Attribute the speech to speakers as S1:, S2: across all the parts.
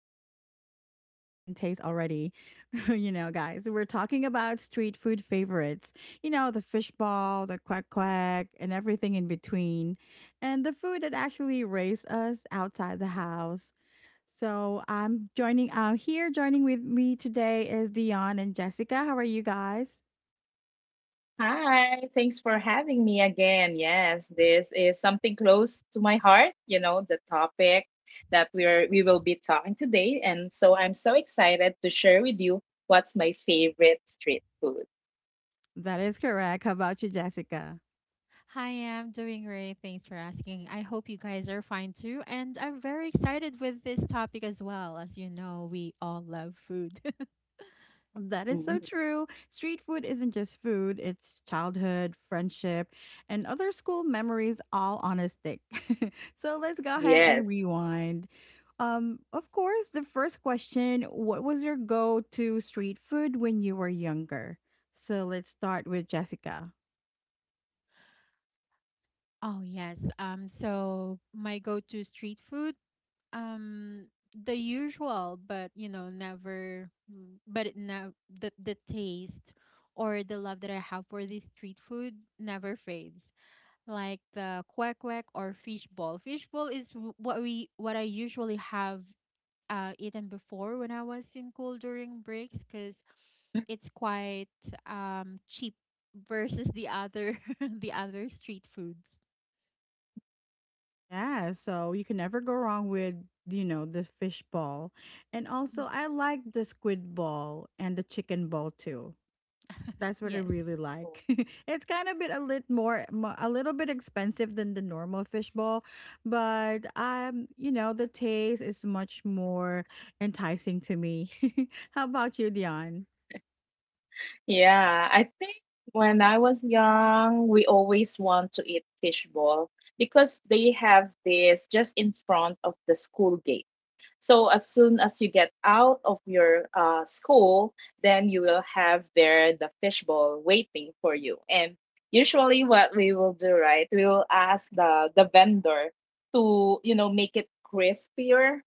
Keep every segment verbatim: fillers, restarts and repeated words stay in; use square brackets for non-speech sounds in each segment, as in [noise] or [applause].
S1: one that a lot of us can taste already. [laughs] You know, guys, we're talking about street food favorites. You know, the fishball, the quack quack, and everything in between. And the food that actually raised us outside the house. So I'm joining uh, here. Joining with me today is Dion and Jessica. How are you guys?
S2: Hi, thanks for having me again. Yes, this is something close to my heart, you know, the topic that we're we will be talking today. And so I'm so excited to share with you what's my favorite street food.
S1: That is correct. How about you, Jessica?
S3: Hi, I'm doing great. Thanks for asking. I hope you guys are fine too. And I'm very excited with this topic as well. As you know, we all love food. [laughs]
S1: That is so
S2: Mm,
S1: true. Street food isn't just food, it's childhood, friendship, and other school memories all on a stick. [laughs] So let's go ahead and
S2: yes.
S1: rewind. Um, of course, the first question, what was your go to street food when you were younger? So let's start with Jessica.
S3: Oh, yes. Um, so my go-to street food, um, the usual, but you know, never, mm, but it never the the taste or the love that I have for this street food never fades. Like the kwek kwek or fishball. Fishball is w- what we what I usually have uh, eaten before when I was in school during breaks because it's quite um, cheap versus the other [laughs] the other street foods.
S1: Yeah, so you can never go wrong with, you know, the fish ball. And
S3: Mm.
S1: also, I like the squid ball and the chicken ball too. That's what I
S3: Yes.
S1: really like. [laughs] It's kind of bit a little more, mo- a little bit expensive than the normal fishbowl, but um, you know, the taste is much more enticing to me. [laughs] How about you, Dion?
S2: Yeah, I think when I was young, we always want to eat fishball because they have this just in front of the school gate. So as soon as you get out of your uh, school, then you will have there the fishbowl waiting for you. And usually, what we will do, right? We will ask the the vendor to, you know, make it crispier.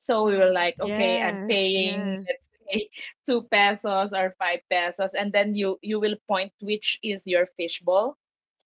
S2: So we were
S3: Mm-hmm.
S2: like, okay, I'm
S1: Yes,
S2: paying,
S1: yes.
S2: let's say, [laughs] two pesos or five pesos, and then you you will point which is your fishbowl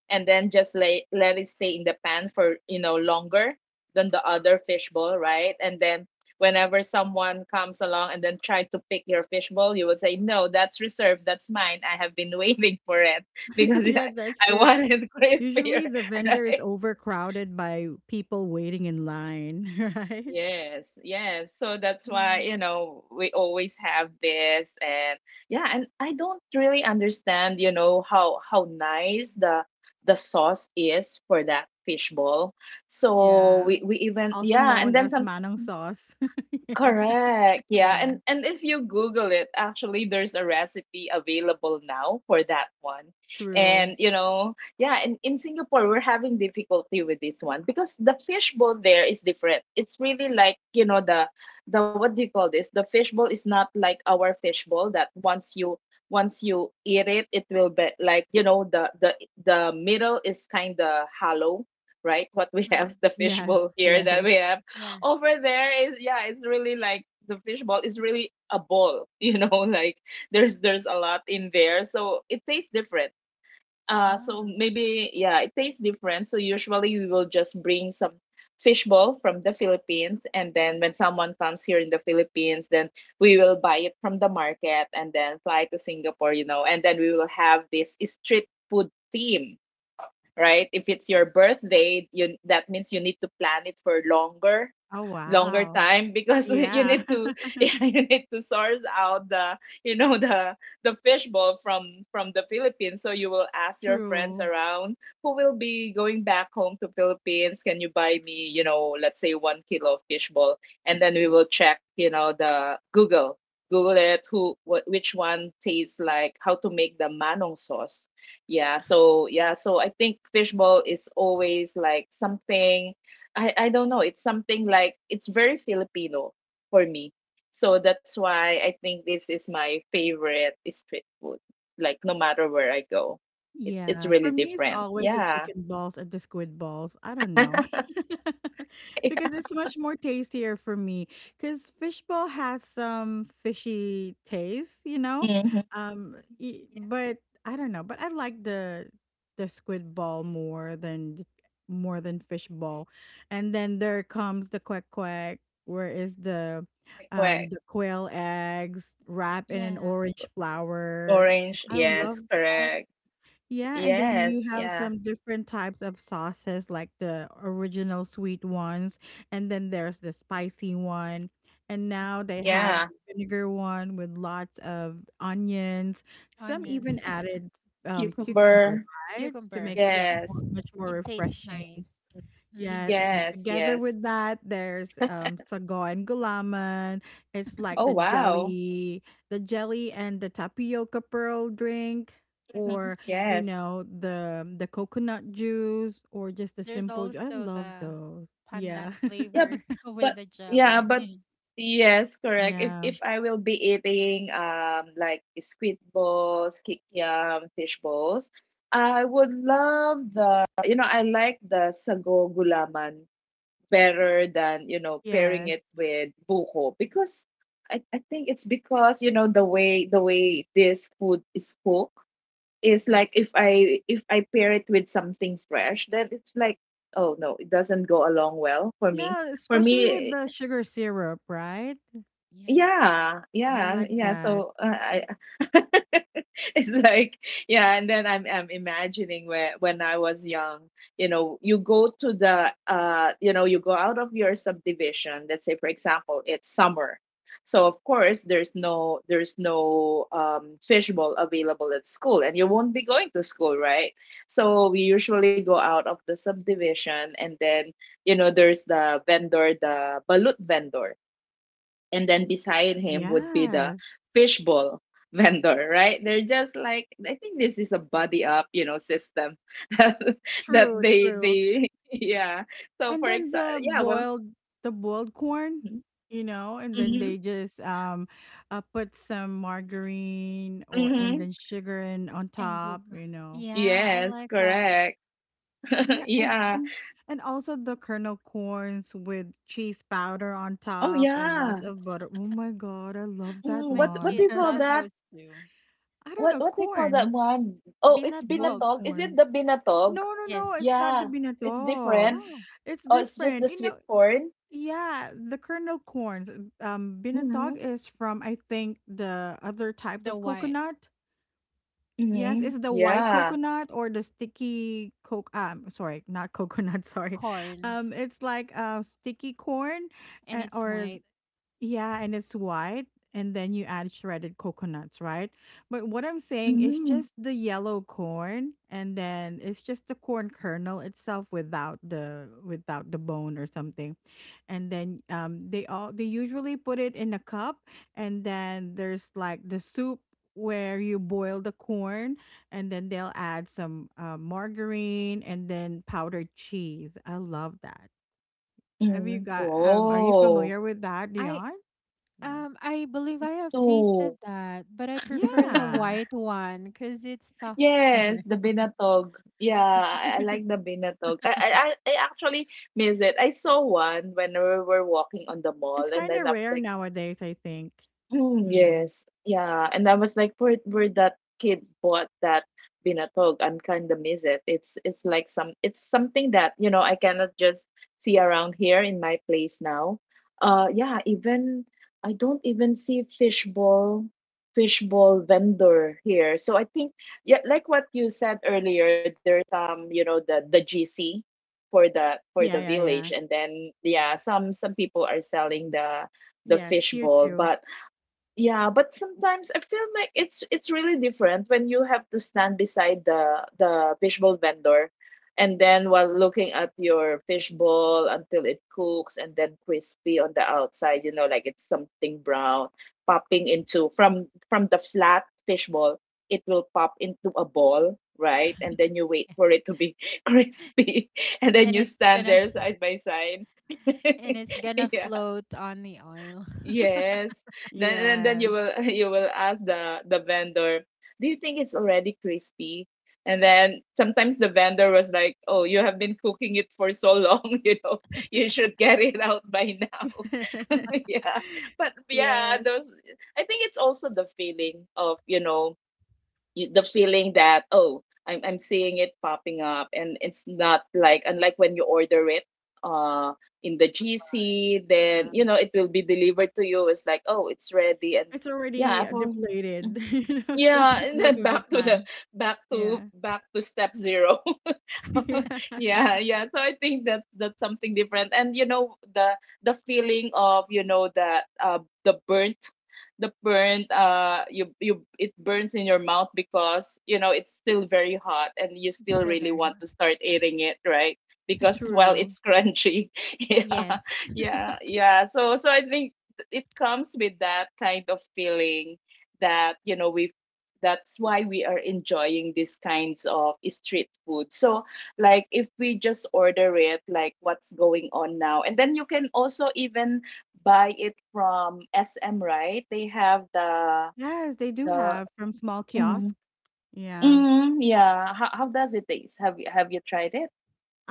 S2: and then just lay, let it stay in the pan for, you know, longer than the other fishbowl, right? And then whenever someone comes along and then try to pick your fishbowl, you will say no, that's reserved, that's mine, I have been [laughs] waiting for it because
S1: [laughs]
S2: [laughs] i
S1: Yeah, that's
S2: I
S1: true.
S2: want it
S1: Usually
S2: crispier,
S1: the
S2: [laughs]
S1: vendor is
S2: right?
S1: overcrowded by people waiting in line, [laughs] right?
S2: Yes, yes. So that's why, you know, we always have this. And yeah, and I don't really understand, you know, how how nice the the sauce is for that fishbowl. So
S1: Yeah.
S2: we we even
S1: Also
S2: yeah, and
S1: known
S2: then
S1: as
S2: some.
S1: manong sauce. [laughs] Yeah.
S2: Correct. Yeah.
S1: Yeah.
S2: And and if you Google it, actually there's a recipe available now for that one.
S1: True.
S2: And you know, yeah, and in Singapore we're having difficulty with this one because the fishbowl there is different. It's really like, you know, the the what do you call this? The fishbowl is not like our fishbowl that once you once you eat it, it will be like, you know, the the the middle is kind of hollow. Right, what we [laughs] have,
S3: Mm.
S2: the
S1: Yes,
S2: fishbowl here that
S1: yes.
S2: we have
S3: Yeah.
S2: over there is, yeah, it's really like the fishball is really a ball, [laughs] you know, like there's there's a lot in there, so it tastes different. Uh
S3: Oh,
S2: so maybe, yeah, it tastes different. So usually we will just bring some fishball from the Philippines, and then when someone comes here in the Philippines, then we will buy it from the market and then fly to Singapore, you know, and then we will have this street food theme. Right, if it's your birthday, you, that means you need to plan it for longer,
S1: Oh,
S2: longer
S1: wow.
S2: time because [laughs] you
S1: Yeah.
S2: need to [laughs]
S1: [laughs]
S2: yeah, you need to source out the, you know, the the fishbowl from from the Philippines. So you will ask your friends
S1: True.
S2: around who will be going back home to Philippines. Can you buy me, you know, let's say, one kilo of fishbowl, and then we will check, you know, the Google, Google it, who wh- which one tastes like, how to make the manong sauce. Yeah, so yeah, so I think fishbowl is always like something, I I don't know. It's something like, it's very Filipino for me. So that's why I think this is my favorite street food. Like no matter where I go, it's it's
S1: Yeah,
S2: really
S1: for me, it's
S2: different.
S1: always the
S2: Yeah.
S1: chicken balls and the squid balls. I don't know.
S2: [laughs]
S1: [laughs]
S2: Yeah.
S1: Because it's much more tastier for me. Because fishball has some fishy taste, you know?
S2: Mm-hmm.
S1: Um, y-
S2: Yeah.
S1: but I don't know. But I like the the squid ball more than the- more than fishball. And then there comes the quack quack, where is the um
S2: Correct.
S1: the quail eggs wrapped in an
S3: yeah.
S1: orange flower. So,
S2: Orange.
S1: I love.
S2: Yes. Correct.
S1: Yeah, and then
S2: Yes.
S1: you have
S2: Yeah.
S1: some different types of sauces, like the original sweet ones, and then there's the spicy one. And now they have
S2: Yeah.
S1: the vinegar one with lots of onions. Some even
S3: Onion,
S1: added um, cucumber,
S2: Cucumber.
S3: [laughs]
S1: right? To
S3: cucumber.
S1: make it
S3: Yes,
S1: more,
S2: Yes.
S1: much more
S3: it tastes nice.
S1: refreshing. Yeah,
S3: Mm-hmm.
S1: and then
S2: Yes.
S1: together
S2: Yes.
S1: with that, there's um sago and gulaman. It's like
S2: Oh
S1: the
S2: wow.
S1: jelly, the jelly and the tapioca pearl drink,
S2: Hmm.
S1: or
S3: Yeah.
S1: you
S2: Yes.
S1: know the the coconut juice, or just the
S3: There's
S1: simple. ju- I
S3: also
S1: love
S3: the
S1: those. Yeah,
S3: pandan
S2: Yeah,
S1: [laughs]
S3: flavor [laughs]
S2: but
S3: with the
S2: yeah,
S3: jelly.
S2: but
S3: [laughs]
S2: yes, correct. If
S1: yeah,
S2: if I will be eating um like squid balls, kikiam, fish balls, I would love the, you know, I like the sago gulaman better than, you know, pairing
S1: yes,
S2: it with buko because I I think it's because, you know, the way the way this food is cooked is like, if I if I pair it with something fresh, then it's like, oh no, it doesn't go along well for me.
S1: yeah.
S2: For
S1: Especially with
S2: me,
S1: the sugar syrup, right?
S3: Yeah.
S2: yeah,
S1: I
S2: yeah,
S1: like
S2: yeah.
S1: that.
S2: So uh, I, [laughs] it's like, yeah, and then I'm I'm imagining where when I was young, you know, you go to the uh, you know, you go out of your subdivision. Let's say, for example, it's summer, so of course there's no there's no um, fishbowl available at school, and you won't be going to school, right? So we usually go out of the subdivision, and then you know, there's the vendor, the balut vendor, and then beside him would be the
S1: Yes,
S2: fishbowl [laughs] vendor, right? They're just like, I think this is a buddy up, you know, system [laughs] that that
S1: true,
S2: they
S1: true.
S2: they [laughs] yeah. So
S1: And
S2: for
S1: then
S2: example,
S1: the
S2: yeah, well,
S1: boiled the boiled corn, you know and then
S2: hmm,
S1: they just um uh, put some margarine or and
S2: hmm,
S1: then sugar in on
S3: And
S1: top,
S3: buka.
S1: you know
S3: Yeah, I
S2: yes,
S3: like that.
S2: correct.
S1: yeah.
S2: [laughs]
S1: and
S2: Yeah.
S1: and and also the kernel corns with cheese powder on
S2: Oh
S1: top and lots
S2: yeah.
S1: of butter. Oh my god, I love
S2: Mm,
S1: that
S2: what
S3: My
S2: what do
S1: one.
S2: you
S3: kids
S1: [laughs]
S2: call
S3: love
S2: that?
S3: those too.
S1: I don't
S2: What
S1: know.
S2: what do you call that
S1: Corn.
S2: one? Oh, it's
S1: Boiled
S3: Binatog.
S2: binatog, is it
S1: corn.
S2: the binatog?
S1: No, no, no,
S3: Yes.
S1: it's not the
S2: Yeah, it's
S1: binatog.
S2: different.
S3: Oh,
S1: It's
S2: Oh, it's just
S1: different,
S2: the
S1: you
S2: sweet
S1: know.
S2: corn.
S1: Yeah, the kernel corns. Um,
S2: Mm-hmm.
S1: binatog is from I think the other type
S3: the
S1: of
S3: white
S1: coconut. Yes,
S2: Mhm.
S1: it's the white
S2: Yeah.
S1: coconut or the sticky coke. Um, sorry, not coconut. [laughs] Sorry,
S3: corn
S1: um, it's like uh sticky corn,
S3: and
S1: uh,
S3: it's
S1: or
S3: white.
S1: yeah, and it's white. And then you add shredded coconuts, right? But what I'm saying is
S2: Mm.
S1: just the yellow corn, and then it's just the corn kernel itself without the without the bone or something. And then um, they all they usually put it in a cup, and then there's like the soup where you boil the corn, and then they'll add some uh, margarine and then powdered cheese. I love that. Have you
S2: Mhm.
S1: got? Um, are you
S2: Wow!
S1: familiar with that,
S3: I
S1: Dion? No.
S3: um I believe I have
S2: So,
S3: tasted that, but I prefer the
S1: Yeah.
S3: white one cuz it's
S2: yes,
S3: softer.
S2: the
S3: [laughs]
S2: binatog. Yeah, I I like the
S1: [laughs]
S2: binatog. I I I I actually miss it. I saw one when we were walking on the mall
S1: It's
S2: and
S1: kinda
S2: then I was
S1: rare
S2: like,
S1: nowadays, I think.
S2: mm,
S3: Mm.
S1: Yeah.
S2: yes. Yeah. And I was like, where where that kid bought that binatog? I'm kind of miss it. It's it's like some, it's something that, you know, I cannot just see around here in my place now. Uh yeah, even I don't even see fishbowl, fishbowl vendor here. So I think, yeah, like what you said earlier, there's um, you know, the the G C for the for the
S1: Yeah, yeah,
S2: village,
S1: yeah.
S2: and then yeah, some some people are selling the the
S1: Yes, here
S2: fishbowl,
S1: too.
S2: but yeah, but sometimes I feel like it's it's really different when you have to stand beside the the fishbowl vendor, and then while looking at your fishbowl until it cooks and then crispy on the outside, you know, like it's something brown popping into, from from the flat fishbowl, it will pop into a ball, right? And then you wait for it to be [laughs] crispy, and then
S3: and
S2: you
S3: it's
S2: stand
S3: gonna
S2: there side by side.
S3: and it's
S2: [laughs]
S3: gonna float on the oil. [laughs]
S2: Yes. Then and then you
S1: Yes.
S2: will [laughs] you will ask the the vendor, "Do you think it's already crispy?" And then sometimes the vendor was like, "Oh, you have been cooking it for so long, [laughs] you know, you should get it out by now." [laughs]
S1: [laughs]
S2: Yeah. But yeah,
S1: Yes,
S2: those, I think it's also the feeling of, you know, you, the feeling that, oh, I'm I'm seeing it popping up, and it's not like, unlike when you order it uh in the G C, then you
S1: yeah.
S2: know it will be delivered to you. It's like, oh, it's ready. And
S1: It's already,
S2: yeah.
S1: uh,
S2: For
S1: deflated,
S2: mhm.
S1: [laughs] you know, so
S2: Yeah, and
S1: most
S2: then
S1: of the
S2: back to the,
S1: time.
S2: back to
S1: Yeah.
S2: back to step zero. [laughs]
S1: [laughs]
S2: [laughs]
S1: Yeah.
S2: Yeah, yeah, so I think that that's something different. And you know the the feeling of, you know, that uh the burnt, the burnt, uh you, you, it burns in your mouth because, you know, it's still very hot and you
S3: It's
S2: still
S3: still
S2: really
S3: very
S2: want
S3: hot.
S2: to start eating it, right? Because,
S3: [laughs]
S2: well,
S1: True.
S2: it's crunchy. [laughs] Yeah,
S3: Yes.
S2: yeah, yeah. So so I think it comes with that kind of feeling, that, you know, we, that's why we are enjoying these kinds of street food. So like if we just order it, like what's going on now, and then you can also even buy it from S M, right? They have the
S1: Yes, they do
S2: the
S1: have from small
S2: mm,
S1: kiosk. Yeah.
S2: mm, yeah, how, how does it taste? Have you have you tried it?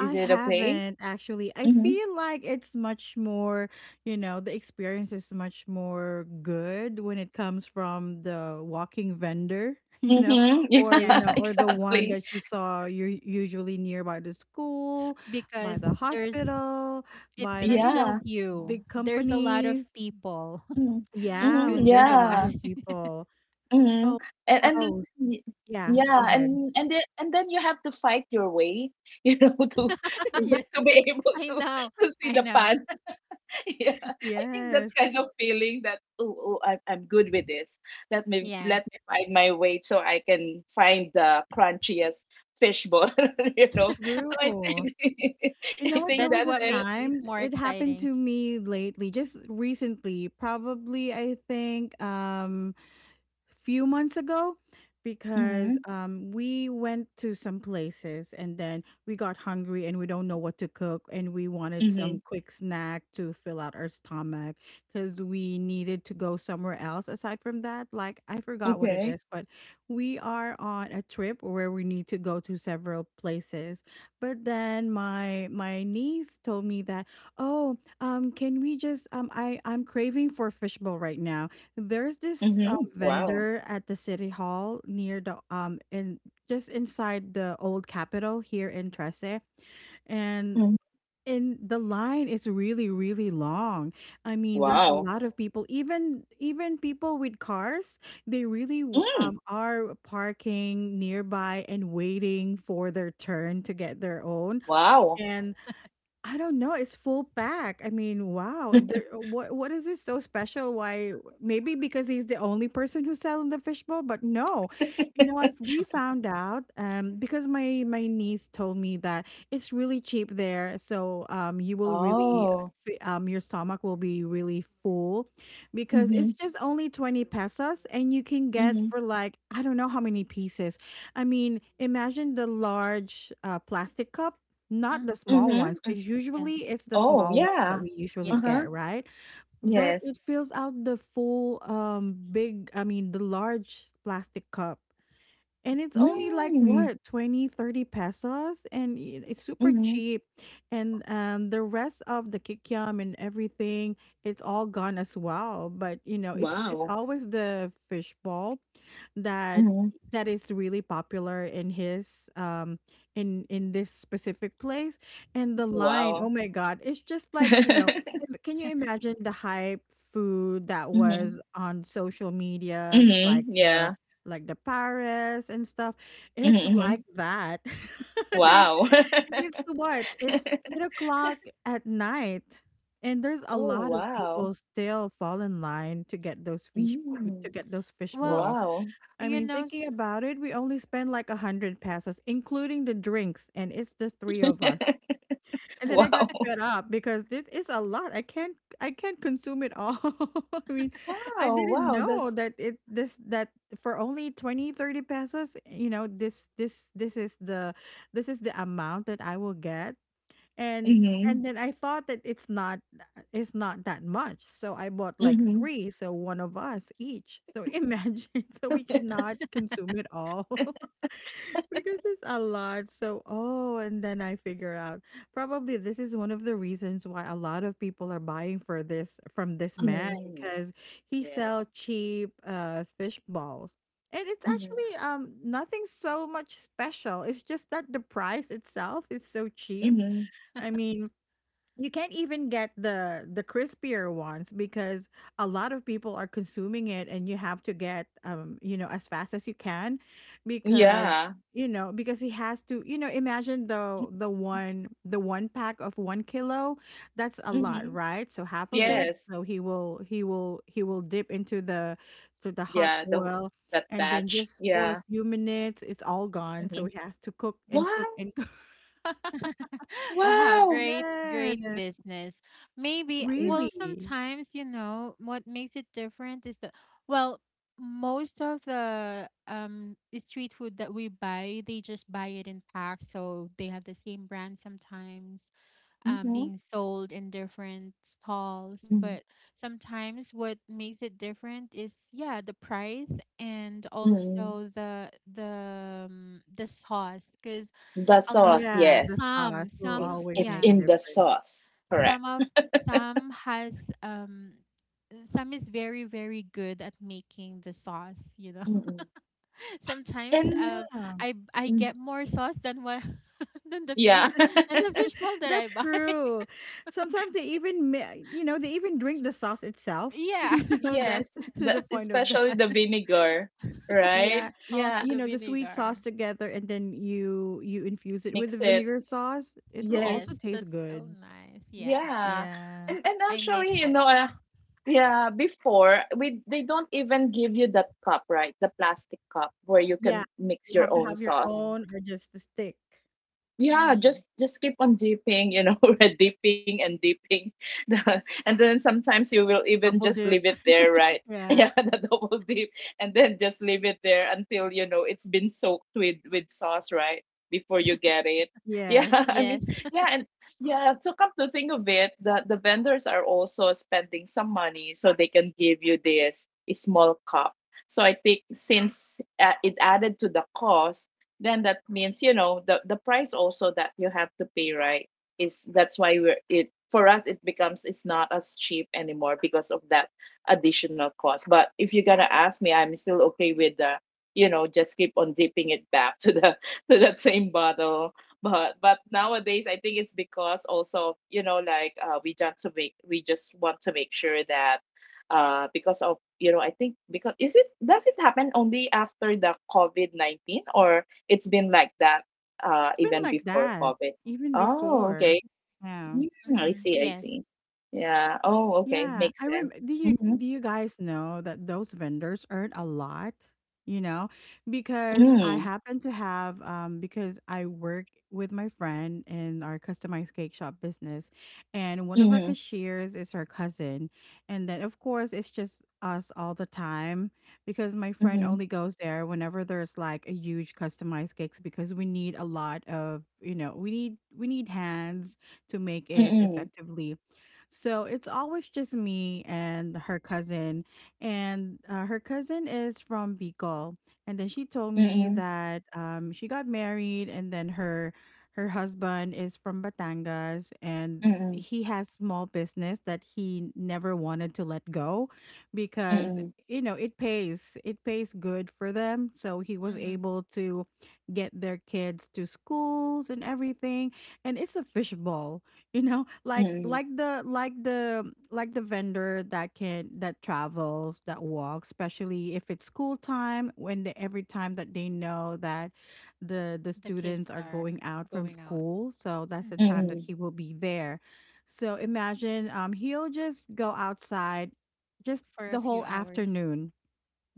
S2: Is it okay?
S1: haven't actually. I
S2: Mm-hmm.
S1: feel like it's much more, you know, the experience is much more good when it comes from the walking vendor, [laughs] you know,
S2: Mm-hmm. [laughs]
S1: or you
S3: Yeah,
S2: Yeah,
S1: know, or the one
S2: exactly.
S1: that you saw you're usually nearby the school,
S3: because
S1: by the
S3: there's
S1: hospital,
S3: it's
S1: by the,
S3: not
S1: you
S3: just
S2: Yeah.
S1: know,
S3: you.
S1: big
S3: There's a lot of
S1: companies.
S3: people
S2: Mm-hmm.
S3: [laughs]
S1: Yeah,
S2: Mm-hmm,
S3: who's
S1: when there's a
S3: gonna buy.
S1: lot
S2: yeah.
S1: of
S3: [laughs]
S1: people.
S2: Mhm.
S1: Oh,
S2: And and
S1: house.
S2: y
S1: Yeah, go
S2: yeah,
S1: ahead.
S2: and and then and then you have to fight your way, [laughs] you know, to to
S1: [laughs]
S2: be
S1: Yeah.
S2: to be able
S3: I
S2: to
S3: know.
S2: to see
S3: I
S2: the
S3: know.
S2: pan. [laughs] Yeah. I think that's
S1: Yes.
S2: kind of feeling that, "Oh, oh, I'm I'm good with this. Let me
S3: Yeah.
S2: let me find my way so I can find the crunchiest fish ball," [laughs] you know. So I
S1: True.
S2: think, [laughs]
S1: You
S2: I
S1: know what?
S2: think
S1: There
S3: That's
S1: was
S2: that's
S1: a
S3: what
S2: it.
S3: makes it
S1: time
S3: more
S1: it happened
S3: exciting.
S1: to me lately, just recently, probably I think um few months ago, because
S2: Mhm.
S1: um, we went to some places and then we got hungry and we don't know what to cook and we wanted some
S2: Mhm.
S1: quick snack to fill out our stomach because we needed to go somewhere else aside from that, like I forgot what it
S2: Okay.
S1: is, but we are on a trip where we need to go to several places. But then my my niece told me that, oh, um can we just um i i'm craving for fishbowl right now. There's this
S2: Mhm.
S1: um,
S2: Wow.
S1: vendor at the city hall near the um in just inside the old capitol here in Trece. And
S2: Mhm.
S1: in the line is really really long. I mean, there's a
S2: Wow.
S1: lot of people, even even people with cars. They really w-
S2: Mm.
S1: um, are parking nearby and waiting for their turn to get their own.
S2: Wow.
S1: And I don't know, it's full pack. I mean, wow,
S2: [laughs]
S1: there what what is this so special? Why, maybe because he's the only person who's selling the fishbowl, but no. You know what? We found out um because my my niece told me that it's really cheap there, so um you will really
S2: Oh.
S1: fe- um your stomach will be really full, because it's
S2: Mhm.
S1: just only 20 pesos and you can get
S2: Mhm.
S1: for like I don't know how many pieces. I mean, imagine the large uh, plastic cup, not
S3: Mm,
S1: the small ones,
S2: Mhm.
S1: because
S3: yeah.
S1: usually it's the
S2: Oh,
S1: small ones that
S2: yeah.
S1: we usually
S3: Yes.
S2: Uh-huh.
S1: get, right? But it
S2: Yes.
S1: fills out the full, um, big, I mean, the large plastic cup. And it's only like
S2: Mm.
S1: what, twenty, thirty pesos, and i- it's super
S2: Mhm.
S1: cheap. And um the rest of the kikiam and everything, it's all gone as well. But you know, it's it's
S2: Wow.
S1: always the fishball that
S2: Mhm.
S1: that is really popular in his um in in this specific place. And the line, oh
S2: Wow.
S1: my god, it's just like, you know, im-
S2: [laughs]
S1: can you imagine the hype food that
S2: Mhm.
S1: was on social medias
S2: Mhm.
S1: like the
S2: Yeah.
S1: like the Paris and stuff.
S2: Mhm.
S1: It's like
S2: Mhm.
S1: that. [laughs] And
S2: Wow.
S1: it's what? It's eight
S2: [laughs]
S1: o'clock at night. And there's a
S2: Oh,
S1: lot of
S2: wow.
S1: people still fall in line to get those fish to
S2: Mm.
S1: get those fish
S3: Well,
S1: ball.
S2: Wow.
S1: I
S3: you
S1: mean,
S3: know,
S1: thinking
S3: s-
S1: about it, we only spend like a hundred pesos, including the drinks, and it's the three of us.
S2: [laughs]
S1: And then I got
S2: Wow.
S1: fed up because this is a lot. I can't I can't consume it all. [laughs] I mean, I
S2: Wow.
S1: didn't
S2: Wow.
S1: know
S2: That's
S1: that it this that for only twenty thirty pesos, you know, this this this is the this is the amount that I will get. And
S2: mhm.
S1: and then I thought that it's not it's not that much. So I bought like
S2: Mhm.
S1: three, so one of us each. So [laughs] imagine so we cannot consume it all because it's a lot. So, oh, and then I figure out probably this is one of the reasons why a lot of people are buying for this from this man,
S2: Mhm.
S1: because he
S2: Yes.
S1: sell cheap uh fish balls. And it's
S2: Mhm.
S1: actually um nothing so much special. It's just that the price itself is so cheap.
S2: Mhm.
S1: I mean, you can't even get the the crispier ones because a lot of people are consuming it and you have to get um you know as fast as you can, because
S2: Yeah.
S1: you know, because he has to, you know, imagine the the one the one pack of one kilo, that's a lot,
S2: Mhm.
S1: right? So half of
S3: yes.
S1: it,
S2: Yes.
S1: so he will he will he will dip into the to the hot
S2: Yeah, the wh-
S1: oil,
S2: that
S1: and then
S2: batch.
S1: just for a
S2: Yeah.
S1: few minutes it's all gone, so
S2: Mhm.
S1: he has to cook and cook
S2: Wow!
S1: and cook.
S3: [laughs]
S1: [laughs]
S3: Wow,
S2: Wow!
S3: great, great
S1: Yes,
S3: business. Maybe,
S2: Yeah.
S3: well,
S1: really.
S3: sometimes, you know, what makes it different is that, well, most of the um street food that we buy, they just buy it in packs, so they have the same brand sometimes. Um,
S2: Mm-hmm.
S3: being sold in different stalls.
S2: Mm-hmm.
S3: But sometimes what makes it different is, yeah, the price, and
S2: Mm-hmm.
S3: also the the um, the sauce because
S2: The
S3: a lot
S2: sauce,
S1: Yeah, the
S2: yes.
S1: sauce
S3: some
S1: will
S3: some
S2: It's
S1: always
S2: it's
S1: make
S3: yeah,
S1: a
S2: in the
S1: difference.
S2: sauce, correct.
S3: some of some has um some is very very good at making the sauce, you know.
S2: Mm-mm.
S3: [laughs] Sometimes,
S2: And
S1: Yeah,
S3: um i i
S2: mm,
S3: get more sauce than what [laughs] than the fish
S2: yeah, [laughs]
S3: than the fish ball that I
S1: that's
S3: buy. [laughs]
S1: true. Sometimes they even, ma- you know, they even drink the sauce itself. [laughs]
S3: Yeah.
S1: You know, that's
S2: yes.
S1: [laughs] to
S2: The
S1: the point of
S2: especially
S1: that. [laughs]
S2: the vinegar, right?
S1: Yeah,
S2: Yeah.
S3: Also
S1: you
S3: the
S1: know, the sweet sauce
S3: vinegar.
S1: together, and then you you infuse it with the
S2: Mix it.
S1: vinegar sauce. It will
S3: Yes,
S1: also
S2: Yes.
S1: taste
S3: that's so
S1: good.
S3: nice. Yeah,
S2: Yeah.
S1: Yeah,
S2: And and
S3: I
S2: actually,
S3: mixed
S2: you
S3: it.
S2: know, uh, yeah, before we, they don't even give you that cup, right? The plastic cup where you
S1: yeah.
S2: can mix
S1: You
S2: your
S1: have to
S2: own
S1: have your
S2: sauce.
S1: own or just the stick,
S2: Yeah,
S3: Mm.
S2: just just keep on dipping, you know, [laughs] red dipping and dipping, [laughs] the, and then sometimes you will even
S1: double
S2: just
S1: dip.
S2: leave it there, right?
S1: [laughs]
S2: [laughs]
S1: Yeah.
S2: Yeah, the double dip, and then just leave it there until, you know, it's been soaked with with sauce, right? Before you get it. Yeah, [laughs]
S1: Yes,
S2: I mean,
S3: Yes.
S2: yeah, and yeah. So come to think of it, the the vendors are also spending some money so they can give you this small cup. So I think, since uh, it added to the cost, then that means, you know, the the price also that you have to pay, right, is — that's why we're — it, for us, it becomes, it's not as cheap anymore because of that additional cost. But if you're gonna ask me, I'm still okay with the, you know, just keep on dipping it back to the [laughs] to that same bottle. But but nowadays I think it's because also, you know, like uh, we just to make we just want to make sure that uh because of, you know, I think, because — is it, does it happen only after the covid nineteen, or it's been like that, uh,
S1: it's been
S2: even
S1: like
S2: before
S1: that
S2: COVID.
S1: even
S2: Oh,
S1: before.
S2: okay.
S1: Yeah.
S2: Mm,
S3: [laughs]
S2: I
S3: Hmm.
S2: see, I
S3: Yes.
S2: see. Yeah. Oh, okay.
S1: Yeah,
S2: Makes
S1: I
S2: sense.
S1: rem do you
S2: Mm-hmm.
S1: do you guys know that those vendors earn a lot, you know? Because I
S2: Mm-hmm.
S1: happen to have um because I work with my friend in our customized cake shop business, and one of her cashiers is her cousin. And then of course it's just us all the time because my friend
S2: Mm-hmm.
S1: only goes there whenever there's like a huge customized cakes because we need a lot of, you know, we need we need hands to make it
S2: Mm-hmm.
S1: effectively. So it's always just me and her cousin. And uh, her cousin is from Bicol. And then she told me
S2: Mm-hmm.
S1: that um, she got married, and then her her husband is from Batangas and
S2: Mm-hmm.
S1: he has small business that he never wanted to let go because,
S2: Mm-hmm.
S1: you know, it pays it pays good for them, so he was
S3: Hmm.
S1: able to get their kids to schools and everything. And it's a fishbowl. [laughs] You know,
S2: Mm-hmm.
S1: like
S2: Mm-hmm.
S1: like the like the like the vendor that can that travels that walks, especially if it's school time, when they, every time that they know that the the
S3: The kids
S1: students are
S3: are
S1: going out from
S3: going out
S1: school, so that's the
S3: hmm
S1: time that
S2: Mm-hmm.
S1: he will be there. So imagine, um he'll just go outside just
S3: for
S1: the
S3: a few
S1: whole
S3: hours.
S1: afternoon,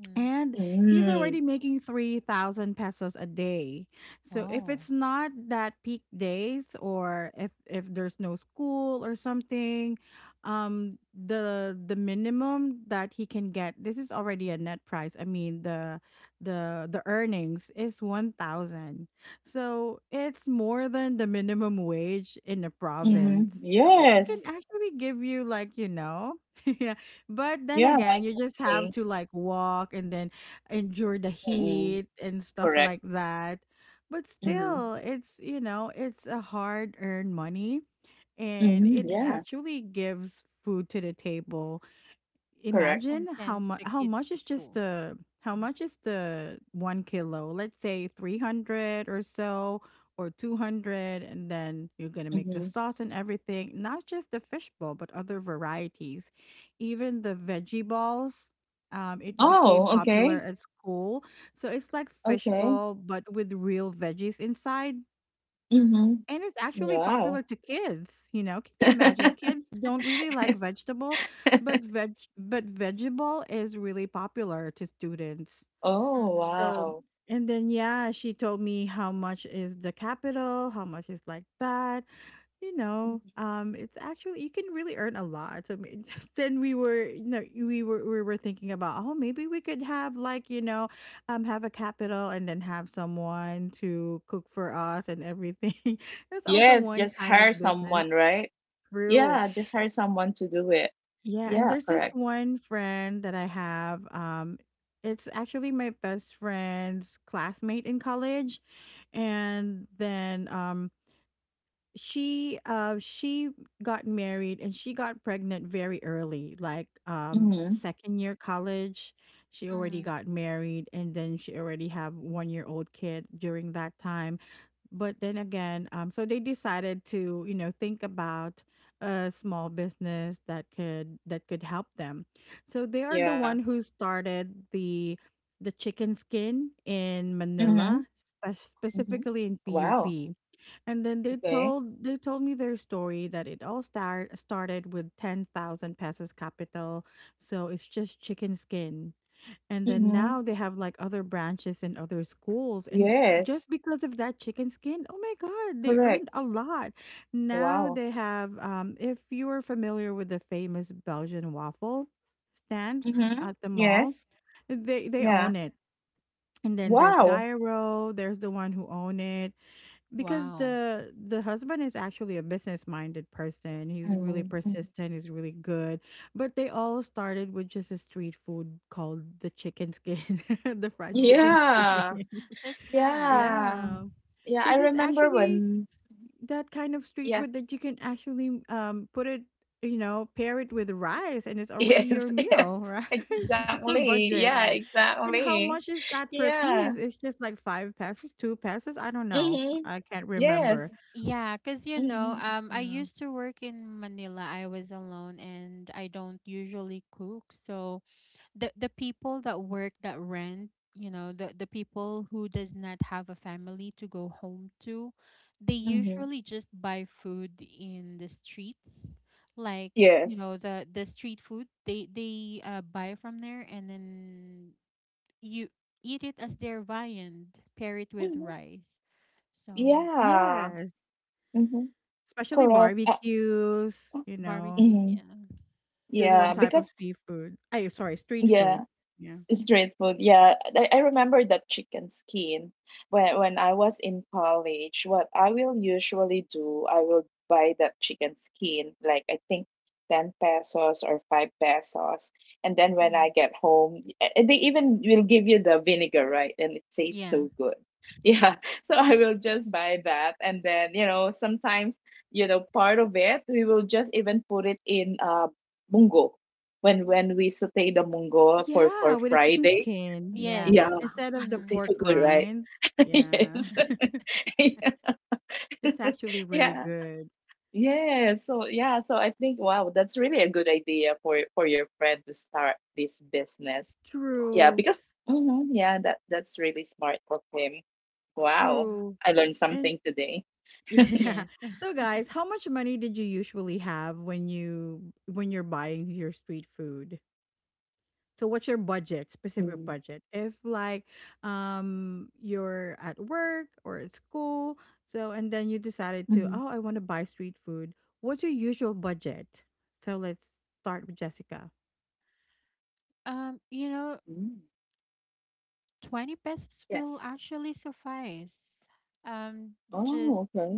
S3: Mm.
S1: and he's
S2: Mm-hmm.
S1: already making three thousand pesos a day. So if
S3: Oh.
S1: it's not that peak days, or if if there's no school or something, um the the minimum that he can get, this is already a net price. I mean, the the the earnings is one thousand. So it's more than the minimum wage in the
S3: Yeah.
S2: Mm-hmm.
S1: province. So it
S3: Hmm.
S1: can
S2: Yes.
S1: actually give you, like, you know. [laughs] But then
S2: Yeah,
S1: again, you just have
S2: exactly.
S1: to like walk and then endure the
S2: Mm-hmm.
S1: heat and stuff
S2: Correct.
S1: like that. But
S2: Mm-hmm.
S1: still, it's, you know, it's a hard earned money, and
S2: Mm-hmm.
S1: it
S3: Hmm.
S2: Yeah,
S1: actually gives food to the table.
S2: correct.
S1: Imagine
S3: And
S1: how
S3: sends
S1: much,
S3: the
S1: how
S3: kids
S1: much
S3: to
S1: is just
S3: school.
S1: the how
S3: Mm-hmm.
S1: much is the one kilo, let's say three hundred or so, or two hundred, and then you're gonna make the
S2: Mm-hmm.
S1: sauce and everything, not just the fish ball, but other varieties, even the veggie balls. Um, it became
S2: Oh,
S1: popular
S2: okay.
S1: at school, so it's like fish
S2: Okay.
S1: ball but with real veggies inside,
S2: Mm-hmm.
S1: and it's actually
S2: Wow.
S1: popular to kids, you know. Can you imagine?
S2: [laughs]
S1: Kids don't really like vegetable, but veg but vegetable is really popular to students.
S2: Oh,
S3: Mm-hmm.
S1: So,
S2: wow.
S1: and then yeah, she told me how much is the capital, how much is like that, you know. Um, it's actually you can really earn a lot. So may- [laughs] then we were, you know, we were we were thinking about, oh, maybe we could have, like, you know, um, have a capital and then have someone to cook for us and everything. [laughs] That's also
S2: Yes,
S1: one
S2: just
S1: kind
S2: hire
S1: of
S2: someone,
S1: business.
S2: right?
S1: True.
S2: Yeah, just hire someone to do it.
S1: Yeah, and
S2: Yeah,
S1: there's this
S2: correct.
S1: one friend that I have. Um, it's actually my best friend's classmate in college, and then um she uh she got married, and she got pregnant very early, like um
S2: Mm-hmm.
S1: second year college she already
S3: Mm-hmm.
S1: got married, and then she already have one year old kid during that time. But then again, um, so they decided to, you know, think about a small business that could that could help them. So they are the
S2: Yeah.
S1: one who started the the chicken skin in
S2: Mm-hmm.
S1: Manila, spe-
S2: Mm-hmm.
S1: specifically in
S2: Wow.
S1: P U P. And then they
S2: Okay.
S1: told they told me their story that it all start started with ten thousand pesos capital, so it's just chicken skin, and then
S2: Mm-hmm.
S1: now they have like other branches in other schools. And
S2: Yes,
S1: just because of that chicken skin, oh my God, they
S2: correct.
S1: earned a lot. Now
S2: Wow.
S1: they have, um, if you are familiar with the famous Belgian waffle stands
S2: Mm-hmm.
S1: at the mall,
S2: Yes.
S1: they, they
S2: Yeah.
S1: own it. And then there's
S2: Wow.
S1: Gyro, there's the one who own it. Because
S3: Wow.
S1: the the husband is actually a business-minded person. He's really
S2: Mm-hmm.
S1: persistent, he's really good. But they all started with just a street food called the chicken skin, [laughs] the fried
S3: Oh,
S1: chicken skin.
S2: Yeah.
S1: [laughs]
S3: [laughs] that's nice.
S2: Yeah.
S1: Yeah,
S2: Yeah, I
S1: because it's
S2: remember
S1: actually
S2: when,
S1: s- that kind of street
S2: yeah.
S1: food
S2: [laughs]
S1: that you can actually um put it, you know, pair it with rice, and it's already
S2: Yes,
S1: your
S2: yes.
S1: meal, right? [laughs] Super
S3: [laughs]
S2: Exactly. Yeah,
S1: budget.
S3: Yeah.
S1: And
S2: exactly.
S1: how much is that per
S2: Yeah.
S1: piece? It's just like five pesos, two pesos. I don't know.
S2: Mm-hmm.
S1: I can't
S2: Yes.
S1: remember.
S3: Yeah, because you know,
S2: Mhm,
S3: um, I
S1: Yeah.
S3: used to work in Manila. I was alone and I don't usually cook. So the the people that work that rent, you know, the the people who does not have a family to go home to, they
S2: mhm.
S3: usually just buy food in the streets. Like, you
S2: Yes.
S3: know, the the street food, they they uh, buy from there, and then you eat it as their viand, pair it with
S2: Mhm.
S3: rice. So
S2: Yeah.
S1: Yes,
S2: Mhm.
S1: especially
S2: Correct. Uh,
S1: barbecues,
S2: uh,
S1: you know.
S3: barbecues, yeah.
S2: mhm.
S1: There's one
S2: Yeah,
S1: type of
S2: because
S1: seafood. I sorry, street
S2: yeah,
S1: food. Yeah.
S2: street food, yeah. I, I remember that chicken skin when when I was in college. What I will usually do, I will buy that chicken skin, like I think 10 pesos or 5 pesos. And then when
S3: Mm.
S2: I get home, eh, eh, they even will give you the vinegar, right? And it tastes
S3: Yeah.
S2: so good. Yeah. [laughs] So I will just buy that. And then, you know, sometimes, you know, part of it, we will just even put it in uh, bungo when when we saute the munggo for for
S1: Yeah, with a chicken
S2: Friday.
S1: skin.
S3: Yes.
S1: Yeah.
S2: Yeah,
S1: Instead of the
S2: it
S3: Hmm.
S2: tastes
S1: pork
S2: so good, right?
S1: rinds.
S2: [laughs]
S1: Yeah.
S2: Yes.
S1: [laughs]
S2: [laughs] Yeah.
S1: It's actually
S2: [laughs]
S1: really
S2: Yeah.
S1: good.
S2: Yeah. So yeah, so I think, wow, that's really a good idea for for your friend to start this business. Yeah,
S1: True.
S2: because, mhm, yeah, that that's really smart of him. Wow,
S3: Hmm.
S1: True.
S2: I learned
S1: And
S2: something today.
S1: [laughs] yeah.
S3: Yes.
S1: So guys, how much money did you usually have when you when you're buying your street food? So what's your budget,
S2: Mm.
S1: specific budget? If like um you're at work or at school, so and then you decided
S2: Mm-hmm.
S1: to, oh, I want to buy street food. What's your usual budget? So let's start with Jessica.
S3: Um, you know,
S2: Mm.
S3: twenty pesos
S2: Yes.
S3: will actually suffice. Um,
S2: Oh,
S3: just
S2: okay.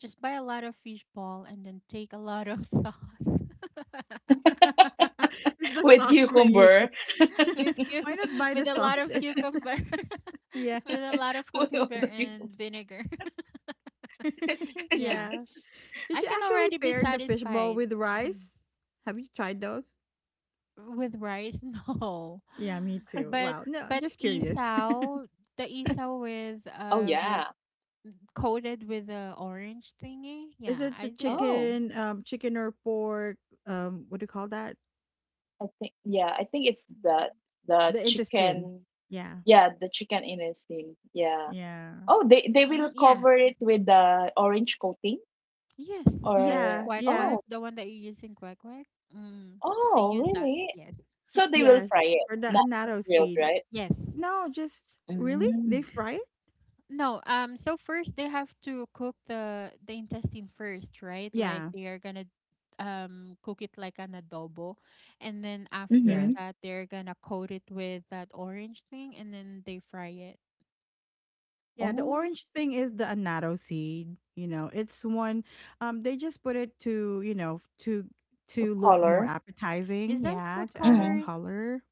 S3: just buy a lot of fish ball and then take a lot of sauce
S2: [laughs]
S1: [laughs] Is the
S2: With
S1: sauce for you?
S2: cucumber.
S3: [laughs] with
S1: [laughs] Why
S3: cuc-
S1: not buy the
S3: with a lot
S1: sauce?
S3: of
S1: and-
S3: cucumber,
S1: [laughs] yeah.
S3: [laughs] with a lot of
S2: [laughs] With all
S3: cucumber
S2: the cucumber.
S3: and vinegar. [laughs]
S1: [laughs]
S3: Yeah.
S1: yeah. Did
S3: I
S1: you
S3: can
S1: actually
S3: already be
S1: pair the fishbowl
S3: satisfied
S1: with
S3: Mhm.
S1: rice? Have you tried those?
S3: with rice. [laughs] No.
S1: Yeah, me too.
S3: But
S1: Wow. No,
S3: but
S1: just curious.
S3: isaw, the isaw with
S2: Oh
S3: uh with
S2: yeah.
S3: coated with the orange thingy.
S1: Is
S3: Yeah,
S1: it
S3: I
S1: the
S3: did.
S2: Oh.
S1: chicken, um, chicken or pork, um, what do you call that?
S2: I think, yeah, I think it's the
S1: Mhm.
S2: the
S1: The intestine.
S2: chicken.
S1: Yeah,
S2: Yeah, the chicken intestine. Yeah.
S1: yeah.
S2: Oh, they they
S3: Mm,
S2: will
S3: yeah.
S2: cover
S3: it
S2: it
S3: was-
S2: with the orange coating,
S3: Yes, like the
S2: or
S1: Yeah,
S3: quack
S1: yeah,
S3: quack,
S2: oh
S3: the one that you use in quack quack. Mm, they
S2: oh
S3: use that.
S2: really?
S3: Yes.
S2: So they will
S1: yes,
S2: fry it,
S1: or the
S2: not, not
S1: annatto
S2: grilled,
S1: seed.
S2: right?
S3: Yes. S-
S1: No, just really? They
S2: Mm.
S1: fry it?
S3: No, um, so first they have to cook the the intestine first, right? Like
S1: Yeah,
S3: they are gonna um cook it like an adobo, and then after
S2: Mm-hmm.
S1: yes.
S3: that they're gonna coat it with that orange thing, and then they fry it.
S1: Yeah, the
S2: Oh,
S1: orange thing is the annatto seed, you know. It's one um they just put it to, you know, to
S2: the
S1: to look more
S2: color.
S3: Is
S1: appetizing,
S3: that
S1: yeah,
S3: food
S1: to added
S2: Mm.
S3: coloring?
S1: color.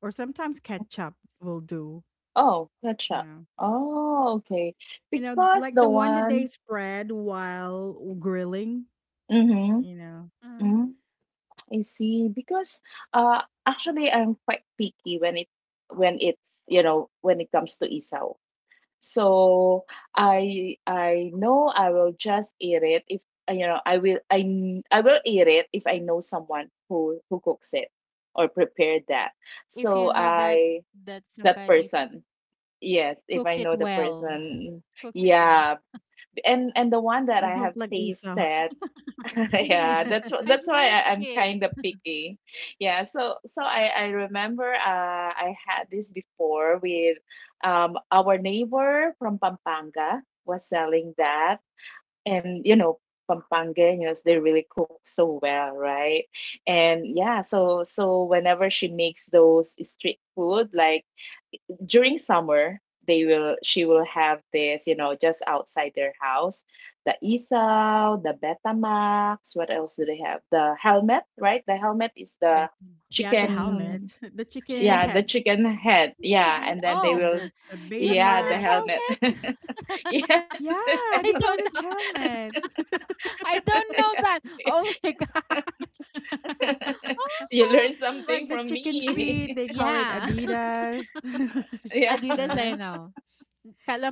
S1: Or sometimes ketchup will do.
S2: Oh, gotcha.
S1: Yeah.
S2: Oh, okay.
S1: You know,
S2: Because
S1: like
S2: the
S1: the one that they
S2: one.
S1: spread while grilling,
S2: Mm-hmm.
S1: you know.
S3: Mm-hmm.
S2: Mm-hmm. I see. Because uh, actually, I'm quite picky when it when it's, you know, when it comes to isaw. So I I know I will just eat it if, uh, you know, I will I kn- I will eat it if I know someone who who cooks it or prepared that.
S3: If you
S2: So
S3: know that
S2: I
S3: that
S2: that
S3: somebody
S2: person. Yes, if
S3: cooked
S2: I
S3: it
S2: know the
S3: well,
S2: person.
S3: cooked it well,
S2: Yeah, and and the one that
S1: I
S2: I have
S1: don't like isaw.
S2: tasted.
S1: [laughs]
S2: [laughs]
S3: [laughs] you don't.
S1: Yeah.
S2: Yeah,
S3: Like,
S2: that's wh-
S3: I
S2: that's why
S3: like
S2: I, I'm
S3: it.
S2: kind of picky. Yeah, so so I I remember, uh I had this before with, um our neighbor from Pampanga was selling that, and you know Pampangueños, they really cook so well, right? And yeah, so so whenever she makes those street food, like during summer, they will she will have this, you know, just outside their house, the isaw, the betamax, what else do they have, the helmet, right? The helmet is the
S3: But
S1: Yeah, the
S3: what's helmet?
S2: chicken,
S1: helmet, [laughs] the chicken
S3: Chicken
S2: yeah, the
S1: head.
S2: chicken head,
S3: chicken
S2: yeah.
S3: head.
S2: And then
S1: And
S2: they
S3: Oh,
S1: then
S2: will,
S1: there's the
S3: [laughs] you call
S2: yeah, the
S3: it
S1: Betamax.
S2: helmet. [laughs]
S3: helmet?
S2: Yes.
S1: Yeah,
S3: [laughs] I
S1: they call
S3: don't
S1: it
S3: know.
S1: helmet.
S3: [laughs]
S1: [laughs]
S3: I don't know that. Oh my god. [laughs]
S2: [laughs] You learn
S3: Oh,
S2: something
S1: Like the
S2: from
S1: chicken
S3: I
S2: me.
S1: feet, they call it
S3: yeah.
S1: Adidas.
S2: [laughs]
S3: [laughs]
S2: Yeah.
S1: [laughs]
S3: Adidas. I
S1: Right?
S3: know.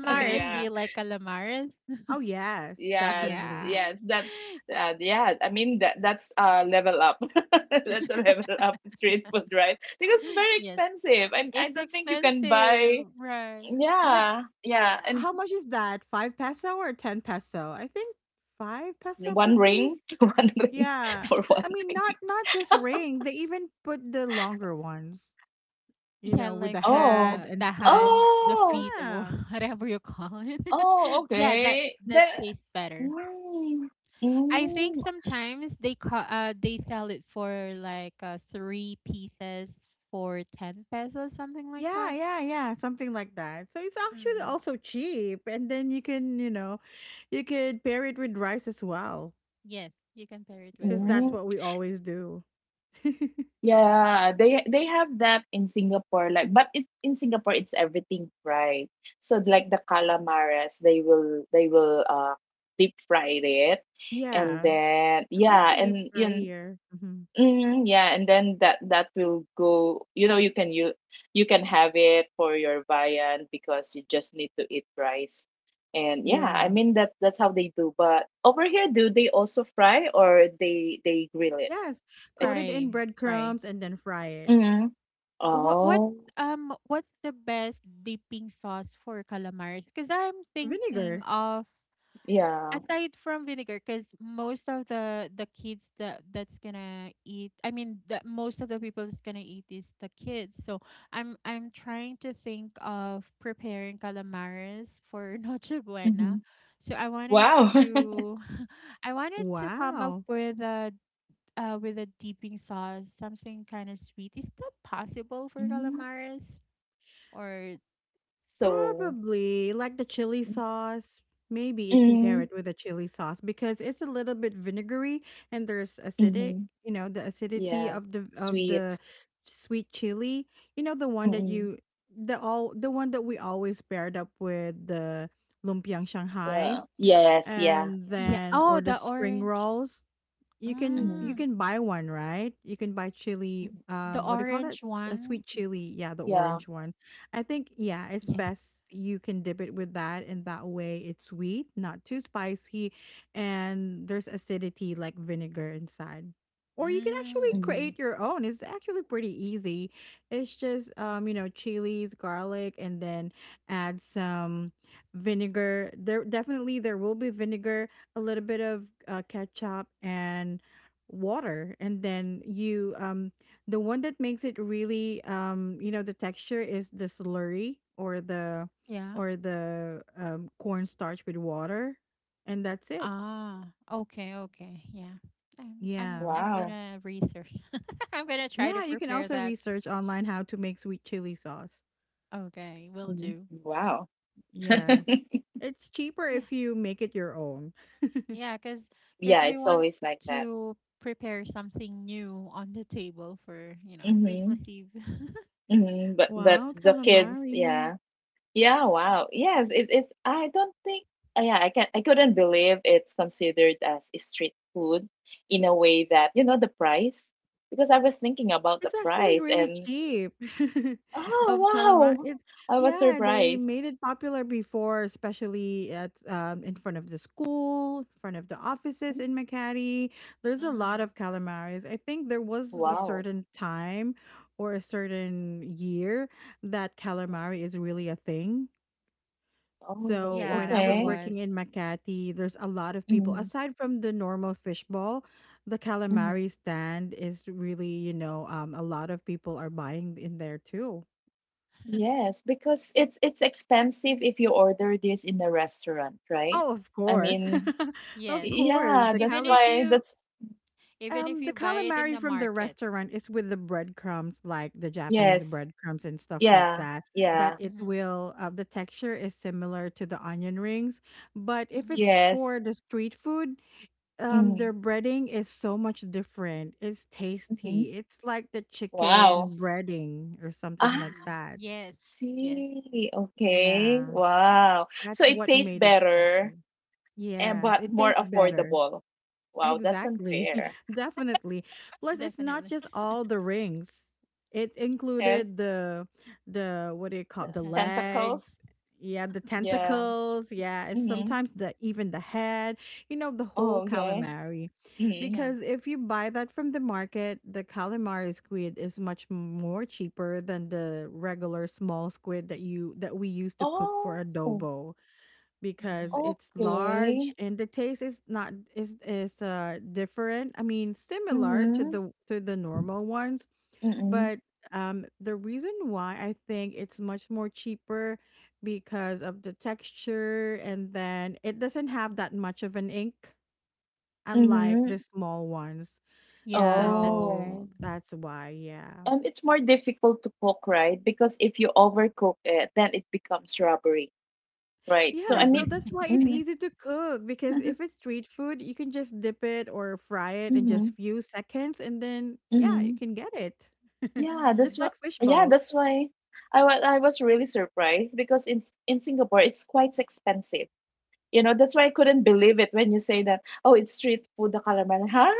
S2: [laughs]
S1: Yeah.
S3: Do
S2: Yeah.
S3: you like calamares? [laughs]
S1: Oh, yes,
S2: Yeah,
S3: Yeah.
S1: definitely.
S2: yes, that's uh, yeah. I mean, that that's a level up. [laughs] That's a level up street food, right? Because it's
S3: [laughs]
S2: very
S3: Yes.
S2: expensive, and I
S3: It's
S2: don't think you can
S3: expensive,
S2: buy.
S3: right?
S1: And like,
S2: Yeah, yeah,
S1: eh,
S2: and
S1: how much is that? Five peso or ten peso? I think five peso per
S2: one
S1: piece.
S2: ring, [laughs] one ring
S1: Yeah.
S2: for one
S1: I mean not
S2: ring.
S1: not just ring, they even put the longer ones, you
S3: Yeah,
S1: know, with
S3: like
S1: the
S2: Oh,
S1: head
S3: the
S1: and
S3: the
S1: stuff.
S3: hands, the
S2: oh,
S3: feet, or
S1: Yeah.
S3: [laughs] whatever you call it.
S2: oh.
S3: [laughs] Yeah, that
S2: Okay.
S3: that
S2: Then,
S3: tastes better.
S2: mm,
S3: I think
S2: mm,
S3: sometimes they call uh they sell it for like uh three pieces for ten pesos, something like
S1: Yeah,
S3: that.
S1: yeah, yeah, something like that. So it's actually
S3: Mm.
S1: also cheap, and then you can, you know, you could pair it with rice as well,
S3: Yes, you can pair it with
S1: because that's
S3: rice.
S2: mm.
S1: what we always do. [laughs]
S2: Yeah, they they have that in Singapore, like, but it in Singapore it's everything fried. So like the calamares, they will they will uh deep fry it, and
S1: Yeah.
S2: then,
S1: It's
S3: Mm.
S1: also
S2: yeah,
S1: deep
S2: and you
S1: fry
S2: know,
S1: here. Hmm.
S2: mm, yeah, and then that that will go. You know, you can you you can have it for your viand because you just need to eat rice, and yeah, I
S1: Yeah.
S2: mean, that that's how they do. But over here, do they also fry, or they they grill it?
S1: Yes,
S2: It-
S1: coated in
S3: Fry, fry.
S1: breadcrumbs and then fry it.
S2: mm.
S3: What what's
S2: Oh.
S3: um what's the best dipping sauce for calamari? Because I'm thinking
S1: Vinegar.
S3: of,
S2: Yeah.
S3: aside from vinegar, because most of the the kids that that's gonna eat, I mean, the, most of the people that's gonna eat is the kids, so i'm i'm trying to think of preparing calamares for [laughs] noche buena,
S2: Mhm.
S3: so I wanted
S2: Wow. [laughs]
S3: to [laughs] I wanted to come up
S1: Wow.
S3: with a uh, with a dipping sauce, something kind of sweet. Is that possible for calamares? Or,
S2: So,
S1: Probably like the chili sauce. Maybe it can pair
S2: mm,
S1: it with a chili sauce because it's a little bit vinegary, and there's acidic,
S2: mhm.
S1: you know, the acidity
S2: Yeah.
S1: of the of the
S2: Sweet.
S1: sweet chili. You know the one that
S2: Mm-mm.
S1: you the all the one that we always paired up with the lumpiang Shanghai
S2: Yeah. Yes. Yeah.
S1: and
S3: yeah,
S1: then or
S3: oh
S1: the
S3: the
S1: spring
S3: orange
S1: rolls. You can you
S2: Mhm.
S3: mm,
S1: can buy one, right? You can buy chili.
S2: Mhm.
S3: the
S1: Um, what do you call that?
S3: orange
S1: A
S3: one,
S1: sweet chili. Yeah, the
S2: Yeah.
S1: orange one. I think, yeah, it's
S3: yes.
S1: best you can dip it with that, and that way it's sweet, not too spicy, and there's acidity like vinegar inside. Or you can actually
S3: Mm,
S2: Mhm.
S1: create your own. It's actually pretty easy. It's just, um, you know, chilies, garlic, and then add some vinegar. There definitely there will be vinegar, a little bit of uh, ketchup and water, and then you um the one that makes it really, um you know, the texture is the slurry, or the
S3: yeah.
S1: or the um, cornstarch with water, and that's it.
S3: Ah, okay, okay. Yeah. I'm I'm
S1: Yeah,
S3: I'm
S2: Wow.
S3: gonna research. [laughs] I'm gonna try to
S1: yeah, you can
S3: prepare
S1: also
S3: that.
S1: research online how to make sweet chili sauce.
S3: Okay, will
S2: Mhm.
S3: do.
S2: Wow.
S1: Yes,
S2: [laughs]
S1: it's cheaper
S3: Yeah.
S1: if you make it your own.
S3: Yeah. Cause. Cause
S2: Yeah,
S3: we
S2: it's
S3: want
S2: always like that.
S3: to prepare something new on the table for, you know, Christmas
S2: Hmm.
S3: Eve. [laughs]
S2: Hmm. But but
S1: Wow,
S2: the kids,
S1: calamari.
S2: yeah. Yeah, wow. Yes, it, it's I don't think, uh, yeah, I can I couldn't believe it's considered as a street food, in a way that, you know, the price — because I was thinking about the
S1: It's actually
S2: price,
S1: really
S2: and,
S1: cheap [laughs] of calamari.
S2: oh,
S1: It's,
S2: wow. I was
S1: yeah, they
S2: surprised.
S1: made it popular before, especially at, um, in front of the school, in front of the offices
S2: Mm.
S1: in Makati. There's a lot
S3: Mm-hmm.
S1: of calamaris. I think there was a
S3: Yes.
S2: Wow.
S1: certain time or a certain year that calamari is really a thing.
S2: Oh,
S1: So
S3: Yeah,
S1: when I
S3: there
S1: was
S2: okay.
S3: was.
S1: working in Makati, there's a lot of people.
S2: Mm-hmm.
S1: Aside from the normal fishball, the
S2: Mm-hmm.
S1: calamari stand is really, you know, um, a lot of people are buying in there too.
S3: [laughs]
S2: Yes, because it's it's expensive if you order this in a restaurant, right?
S1: Oh, of
S2: I
S1: course,
S2: mean,
S1: [laughs] of
S3: Yes.
S1: course.
S2: yeah,
S1: The
S2: that's
S3: Even
S1: calam,
S3: if
S2: why
S3: you
S2: that's —
S3: even if
S1: um, the
S3: you buy it in
S1: calamari
S3: the
S1: from the
S3: market.
S1: restaurant is with the breadcrumbs, like the Japanese
S2: yes.
S1: breadcrumbs and stuff like
S2: Yeah.
S1: that. That
S2: Yeah.
S1: it
S3: Mm-hmm.
S1: will, uh, the texture is similar to the onion rings, but if
S3: Mm-hmm.
S1: it's
S2: Yes.
S1: for the street food, um
S2: Mm,
S1: their breading is so much different. It's
S2: mhm.
S1: tasty. It's like the
S2: Wow.
S1: chicken breading or something
S2: Ah,
S1: like
S3: Mm-hmm.
S1: that.
S3: Yes. Yes.
S2: see. Okay.
S1: Yeah,
S2: Wow.
S1: that's
S2: So it
S1: what
S2: tastes
S1: made it special.
S2: better and
S1: Yes,
S2: but
S1: it
S2: more
S1: tastes better.
S2: affordable. Wow, that's
S1: Exactly.
S2: unfair.
S3: Yes.
S1: [laughs] Definitely. Plus it's not
S3: Definitely.
S1: just all the rings. It
S2: Yes.
S1: included the the what do you call
S2: The
S1: the
S3: Tentacles.
S1: legs?
S2: tentacles.
S1: Yeah, the
S2: Yeah.
S3: Tentacles.
S1: tentacles. Yeah, it's
S2: Mm-hmm.
S1: sometimes the even the head, you know, the whole
S2: Oh, okay.
S1: calamari.
S2: Mm-hmm.
S3: Yeah.
S1: Because if you buy that from the market, the calamari squid is much more cheaper than the regular small squid that you that we used to cook for
S2: Oh,
S1: adobo because
S3: Mm-hmm.
S1: it's large,
S2: okay.
S1: and the taste is not is is uh different. I mean, similar to
S2: Mm-hmm.
S1: the to the normal ones,
S2: Mm-hmm.
S1: but um the reason why I think it's much more cheaper because of the texture, and then it doesn't have that much of an ink unlike the
S2: Mm-hmm.
S1: small ones.
S3: Yeah, that's
S1: So
S3: right.
S2: Oh.
S1: that's why, yeah.
S2: And it's more difficult to cook, right? Because if you overcook it, then it becomes rubbery. Right. So
S1: Yeah,
S2: I
S3: Rubber.
S1: so
S2: mean,
S1: that's why
S3: [laughs]
S1: it's
S2: mm,
S1: easy to cook because if it's
S2: [laughs]
S1: street food, you can just dip it or fry it in just
S2: hmm,
S1: few seconds, and then yeah, you
S2: hmm.
S1: can get it. [laughs]
S2: Yeah,
S3: Mm-hmm.
S1: Just
S2: that's
S1: like
S2: why.
S1: fish
S2: Yeah,
S1: balls.
S2: that's why I was I was really surprised, because in S- in Singapore it's quite expensive. You know, that's why I couldn't believe it when you say that, "Oh, it's street food, the calamari." Huh?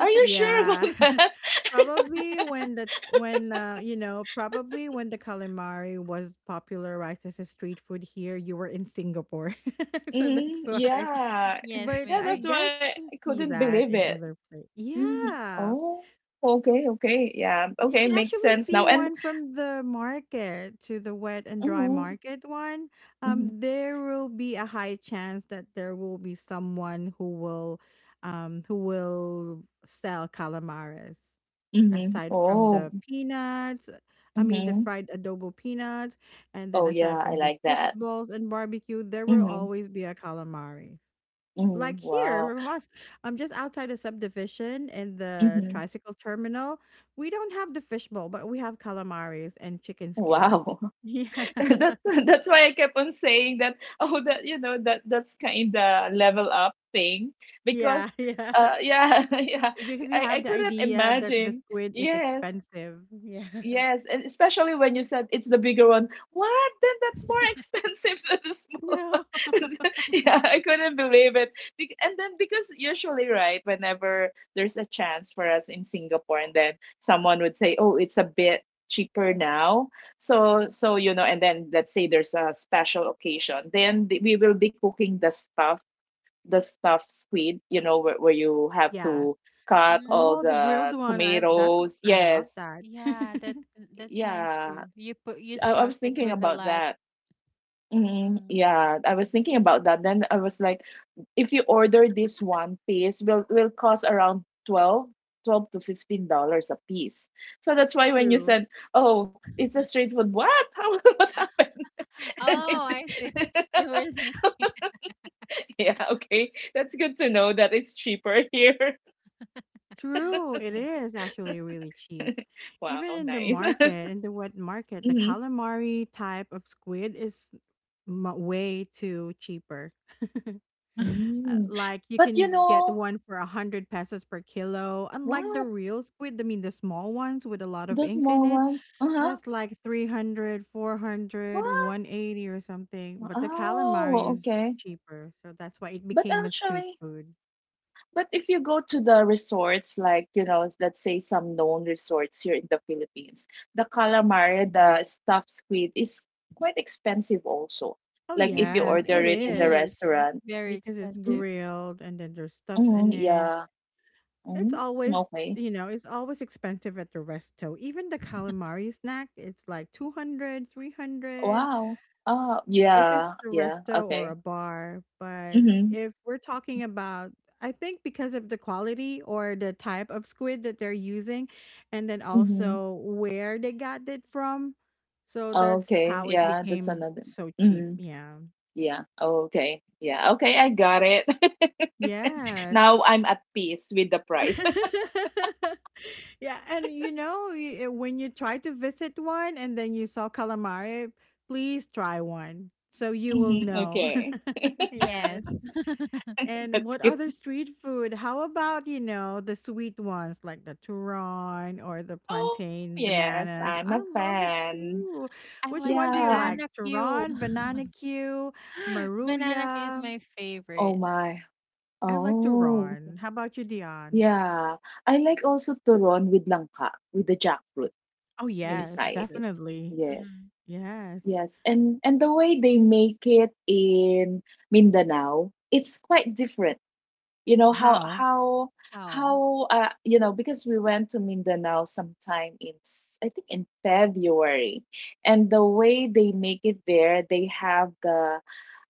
S2: Are you sure
S1: Yeah.
S2: about [laughs]
S1: [laughs]
S2: that?
S1: Probably when the when uh you know, probably when the calamari was popularized as a street food here, you were in Singapore. [laughs] So that's
S2: Mm,
S1: why.
S2: yeah,
S3: Yes,
S1: But
S2: yeah.
S1: I
S3: maybe.
S2: That's why
S1: guess you can
S2: I
S1: see
S2: couldn't
S1: that
S2: believe
S1: in
S2: it.
S1: other places.
S2: Hmm.
S1: Yeah.
S2: Oh, okay, okay. Yeah,
S1: You
S2: okay.
S1: can
S2: Makes
S1: actually
S2: sense
S1: see
S2: now. And
S1: one from the market to the wet and dry
S2: mm-hmm,
S1: market one.
S2: mm-hmm.
S1: Um, there will be a high chance that there will be someone who will, um, who will sell calamaris.
S2: Mm-hmm.
S1: Aside from
S2: Oh.
S1: the peanuts, I mean the
S2: Mm-hmm.
S1: fried adobo peanuts, and then
S2: Oh
S1: aside
S2: yeah, I
S1: from the
S2: like
S1: fish
S2: that.
S1: balls and barbecue, there will
S2: Mhm.
S1: always be a calamari.
S2: Mhm.
S1: Like here
S2: Wow.
S1: from us, I'm just outside a subdivision in the
S2: Mhm.
S1: tricycle terminal. We don't have the fishbowl, but we have calamaris and chicken skin.
S2: Wow.
S1: Yeah. [laughs]
S2: [laughs] That's that's why I kept on saying that, oh, that, you know, that that's kind of level up thing,
S1: Yeah,
S2: because
S1: yeah.
S2: uh
S1: [laughs]
S2: yeah, [laughs] yeah.
S1: Because you
S2: I I
S1: have the
S2: couldn't
S1: idea that the
S2: imagine.
S1: squid is
S2: Yes.
S1: expensive. Yeah. [laughs]
S2: Yes, and especially when you said it's the bigger one. What? Then that's more [laughs] expensive than the small
S1: No.
S2: one. [laughs] Yeah, I couldn't believe it. Bec- And then, because, usually, right, whenever there's a chance for us in Singapore, and then someone would say, "Oh, it's a bit cheaper now." So, so you know, and then let's say there's a special occasion, then th- we will be cooking the stuff, the stuffed squid. You know, where, where you have
S1: Yeah.
S2: to cut
S3: Mm,
S2: all
S1: Oh, the grilled
S2: the
S1: one. I that's
S2: tomatoes.
S1: I love
S2: Yes.
S1: that.
S3: yeah, that
S1: [laughs]
S3: that's nice
S2: Yeah,
S3: too. You put you
S2: I, I
S3: stuff
S2: was
S3: it
S2: thinking
S3: with a
S2: about
S3: lot.
S2: that. Mm,
S3: Mm.
S2: yeah, I was thinking about that. Then I was like, if you order this one piece, will will cost around twelve, twelve to fifteen dollars a piece. So that's why when you
S1: True.
S2: said, "Oh, it's a street food" — what? [laughs] How, what happened?
S3: [laughs]
S2: [laughs]
S3: Oh, I see. [laughs] You were thinking.
S2: Yeah, okay, that's good to know that it's cheaper here. [laughs]
S1: True, it
S3: Yeah,
S1: is actually really cheap. Even
S2: Wow,
S1: in the
S2: nice. [laughs]
S1: market, in the wet market, the
S2: Hmm.
S1: calamari type of squid is mu- way too cheaper.
S3: [laughs]
S1: Uh,
S2: Mm.
S1: like you
S2: But you
S1: can get
S2: know
S1: one for a hundred pesos per kilo. Unlike the
S2: what?
S1: real squid, I mean the small ones with a lot of
S2: The
S1: ink in
S2: small
S1: it,
S2: ones. Uh huh.
S1: that's like three hundred, four hundred,
S2: What?
S1: one eighty or something. But the calamari
S2: Oh,
S1: is
S2: okay.
S1: cheaper, so that's why it
S2: But
S1: became a street
S2: actually,
S1: food.
S2: but if you go to the resorts, like, you know, let's say some known resorts here in the Philippines, the calamari, the stuffed squid is quite expensive also.
S1: Oh,
S2: Like if you
S3: yeah,
S1: yes,
S2: order
S1: it
S2: it in
S3: it, it
S2: the
S1: is.
S3: is
S1: Mhm.
S2: restaurant.
S3: very
S1: Because it's
S2: Mm,
S3: expensive.
S1: grilled and then there's stuffs
S2: mm,
S1: in it.
S2: yeah.
S1: It's
S2: Mm,
S1: always,
S2: okay.
S1: you know, it's always expensive at the resto. Even the calamari snack, it's like two hundred, three hundred,
S2: Wow. Oh,
S1: if it's
S2: yeah.
S1: the
S2: Yeah.
S1: resto or
S2: Okay.
S1: a bar. But
S2: Mm-hmm.
S1: if we're talking about, I think because of the quality or the type of squid that they're using, and then
S2: Mm-hmm.
S1: also where they got it from. So that's
S2: Okay.
S1: how it
S2: Yeah, that's
S1: became
S2: another.
S1: so cheap.
S2: Mm-hmm.
S1: Yeah.
S2: Yeah. Okay. Yeah. Okay, I got it. [laughs]
S1: Yes.
S2: Now I'm at peace with the price.
S1: [laughs] Yeah, and you know, y- eh, when you try to visit one and then you saw calamari, please try one so you will
S2: Mhm,
S1: know.
S2: okay.
S1: [laughs] Yes.
S3: Yes, [laughs]
S2: [laughs]
S1: And
S2: That's
S1: what
S2: good.
S1: other street food? How about, you know, the sweet ones like the turon or the
S2: Oh,
S1: plantain
S2: yes,
S1: bananas?
S2: I'm
S1: I
S2: a
S1: love it
S2: fan.
S1: too.
S3: I
S1: Which
S3: like
S1: one do you
S2: Yeah.
S1: like?
S3: banana Q.
S1: Turon,
S3: [laughs]
S1: banana Q,
S3: Banana Q is
S1: maruya?
S3: my
S2: Oh
S3: favorite
S2: my.
S1: I like
S2: Oh,
S1: turon. How about you, Dion?
S2: yeah. I like also turon with langka, with the jackfruit
S1: Oh,
S3: with the
S1: yes,
S2: inside.
S3: jackfruit.
S1: definitely.
S2: Yes.
S3: Mm-hmm.
S1: Yes.
S2: Yes. And and the way they make it in Mindanao, it's quite different. You know how,
S1: How?
S2: how
S3: Oh.
S2: how uh you know, because we went to Mindanao sometime in s- I think in February, and the way they make it there, they have the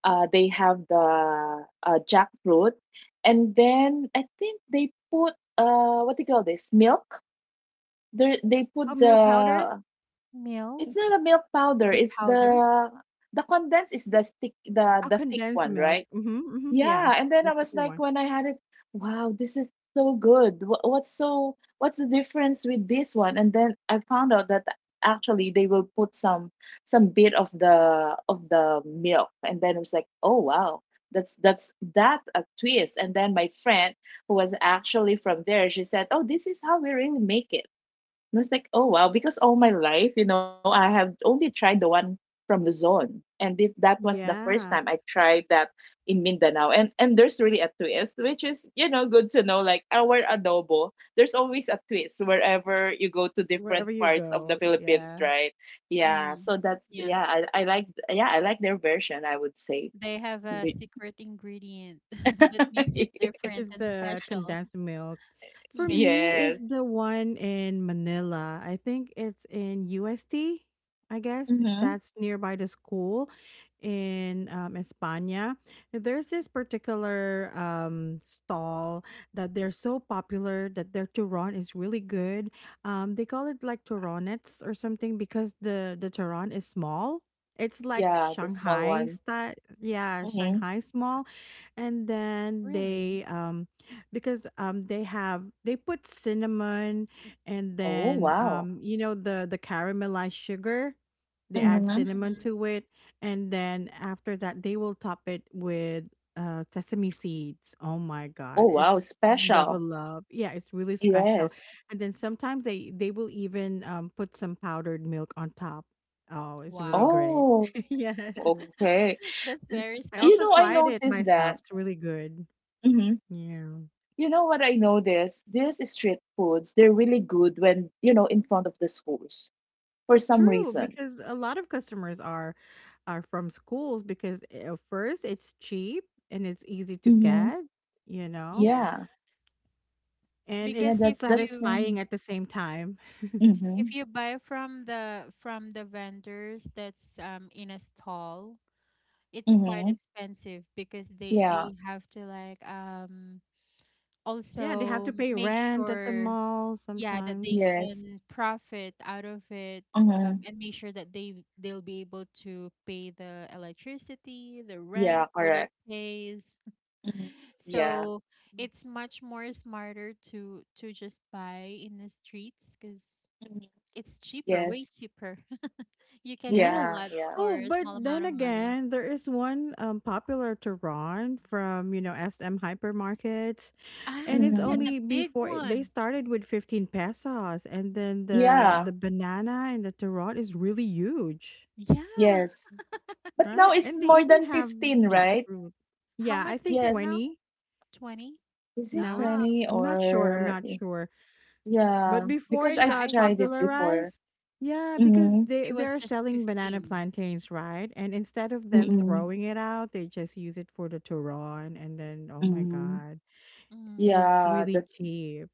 S2: uh they have the uh jackfruit, and then I think they put, uh what do you call this, milk, there they
S1: Oh,
S2: put
S1: milk powder?
S2: the — it's
S3: Milk,
S2: not a milk powder,
S3: the
S2: it's
S3: powder.
S2: the the condensed, is the stick, the
S1: Oh,
S2: the thick
S1: condensed
S2: one,
S1: milk.
S2: right?
S1: Mhm, mhm.
S2: Yeah,
S1: Yes,
S2: and then
S1: the
S2: I was
S1: sticky
S2: like,
S1: one.
S2: when I had it, wow, this is so good. Wha- What's so what's the difference with this one? And then I found out that actually they will put some, some bit of the of the milk, and then it was like, oh wow, that's that's that's a twist. And then my friend, who was actually from there, she said, oh, this is how we really make it. I was like, oh wow, because all my life, you know, I have only tried the one from Luzon, and it, that was the first time
S1: Yeah,
S2: I tried that in Mindanao. And and there's really a twist, which is, you know, good to know. Like our adobo, there's always a twist wherever you go to different
S1: wherever you
S2: parts of the
S1: go.
S2: Philippines,
S1: Yeah.
S2: right? Yeah, so
S3: Mm,
S2: that's,
S3: yeah,
S2: yeah, I I like yeah I like, their version, I would say.
S3: they have a
S2: Be-
S3: secret ingredient [laughs] that makes it
S2: [laughs]
S1: Which
S3: different
S1: is
S3: and
S1: the
S3: special.
S1: condensed milk. For
S3: Yeah,
S1: me,
S2: yes,
S1: is the one in Manila. I think it's in U S T. I guess
S2: mm-hmm.
S1: that's nearby the school in um, España. There's this particular um, stall that they're so popular that their turon is really good. Um, they call it like turonets or something because the the turon is small. It's like
S2: Yeah, the small
S1: Shanghai
S2: one.
S1: style. Yeah,
S2: Mm-hmm.
S1: Shanghai small and then
S3: really.
S1: they um because um they have they put cinnamon and
S2: Oh
S1: then
S2: wow.
S1: um you know, the the caramelized sugar, they add cinnamon
S3: Hmm.
S1: to it, and then after that they will top it with uh sesame seeds. Oh my god,
S2: Oh, wow,
S1: it's
S2: special.
S1: level up. Yeah, it's really special.
S2: Yes.
S1: And then sometimes they they will even um put some powdered milk on top. Oh, it's really
S3: Wow,
S1: great.
S2: Oh,
S1: [laughs] Yes,
S2: okay.
S3: [laughs]
S2: S-
S3: that's very
S1: I
S2: You know,
S1: also
S2: I
S3: special.
S1: tried it
S2: noticed that.
S1: myself. It's really good.
S2: hmm
S1: Yeah.
S2: You know what I noticed? These street foods, they're really good when, you know, in front of the schools for some
S1: True,
S2: reason.
S1: because a lot of customers are are from schools because uh, first it's cheap and it's easy to
S2: Mm-hmm.
S1: get, you know,
S3: Yeah,
S2: Yeah.
S1: and
S2: Yeah,
S1: it's
S3: because if
S2: that's that's
S3: you
S1: satisfying
S2: um,
S1: at the same time. [laughs]
S2: mm-hmm.
S3: if you buy from the from the vendors that's um in a stall, it's quite
S2: Mm-hmm.
S3: expensive because they
S2: Yeah.
S3: they have to, like, um
S1: Yeah, they have
S3: also
S1: to pay
S3: make
S1: rent at the
S3: sure,
S1: mall
S3: yeah, that
S1: sometimes.
S3: they
S2: Yes.
S3: can profit out of it, um,
S2: Mm-hmm.
S3: and make sure that they they'll be able to pay the electricity, the rent
S2: Yeah,
S3: for the
S2: correct.
S3: space,
S2: Mm-hmm. Yeah.
S3: so it's much more smarter to to just buy in the streets because
S2: Mhm.
S3: it's cheaper, way
S2: Yes.
S3: cheaper. [laughs] You can get a
S1: Yes.
S2: Yeah,
S3: lot
S2: yeah.
S1: Oh,
S3: for a
S1: but
S3: small
S1: then
S3: amount of money.
S1: again, there is one um, popular Tehran from, you know, S M hypermarkets. And
S3: Ah,
S1: it's
S2: Mm-hmm.
S3: yeah, the
S1: only
S3: big
S1: before it- they
S3: one.
S1: started with fifteen pesos and then the
S2: Yeah.
S1: the banana and the tarot is really huge,
S3: Yeah,
S2: Yes. But now
S1: right?
S2: it's
S1: And they
S2: more
S1: even
S2: than
S1: have
S2: fifteen, right?
S1: jackfruit.
S3: how
S1: Yeah,
S3: much
S1: I
S3: is
S1: think
S3: it
S2: Yes.
S3: now?
S1: twenty
S3: twenty?
S2: Is it
S1: now it
S3: Ah,
S1: be,
S2: 20
S3: okay.
S1: I'm not sure, I'm
S2: or
S1: not sure. But
S2: yeah,
S1: before
S2: because
S1: it
S2: I
S3: Yeah, I
S1: got
S3: think
S2: tried it
S3: something like that.
S2: before.
S1: popularized, yeah, because
S2: Mm-hmm.
S1: they
S3: It was
S1: they're
S3: just
S1: selling banana
S3: fifteen.
S1: plantains, right? And instead of them
S2: Mm-mm.
S1: throwing it out, they just use it for the turon, and then oh my
S2: Mm-hmm.
S1: god,
S3: Mm.
S1: it's
S2: Yeah,
S1: really
S2: that
S1: cheap.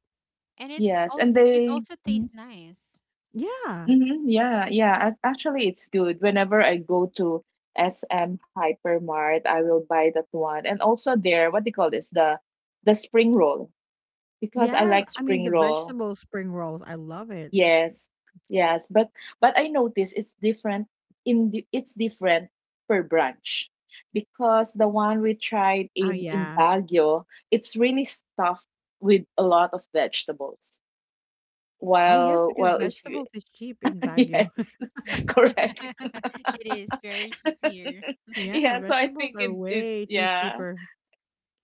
S3: And it's
S2: yes. And
S3: also it
S2: they
S3: also
S2: mm-hmm.
S3: tastes nice. [laughs]
S1: Yeah.
S2: Mm-hmm. Yeah, yeah. ac- Actually, it's good. Whenever I go to S M Hypermart, I will buy that one. And also there, what do you call this? The the spring roll because I
S1: Yes,
S2: like
S1: I mean,
S2: spring
S1: the
S2: roll.
S1: vegetable spring rolls, I love it.
S2: Yes, yes, but but I notice it's different in the it's different per branch because the one we tried
S1: Oh,
S2: in in
S1: yeah.
S2: Baguio, it's really stuffed with a lot of vegetables.
S1: Oh, yes,
S2: While
S1: because
S2: well, if you,
S1: vegetables is cheap
S2: [laughs]
S1: in Baguio.
S2: yes,
S1: [laughs]
S2: [laughs]
S3: Yeah.
S2: correct.
S3: [laughs] It is very cheap here.
S2: [laughs]
S1: Yeah,
S2: Yeah, so I
S1: vegetables
S2: think
S1: are
S2: it it
S1: way too
S2: yeah.
S1: cheaper.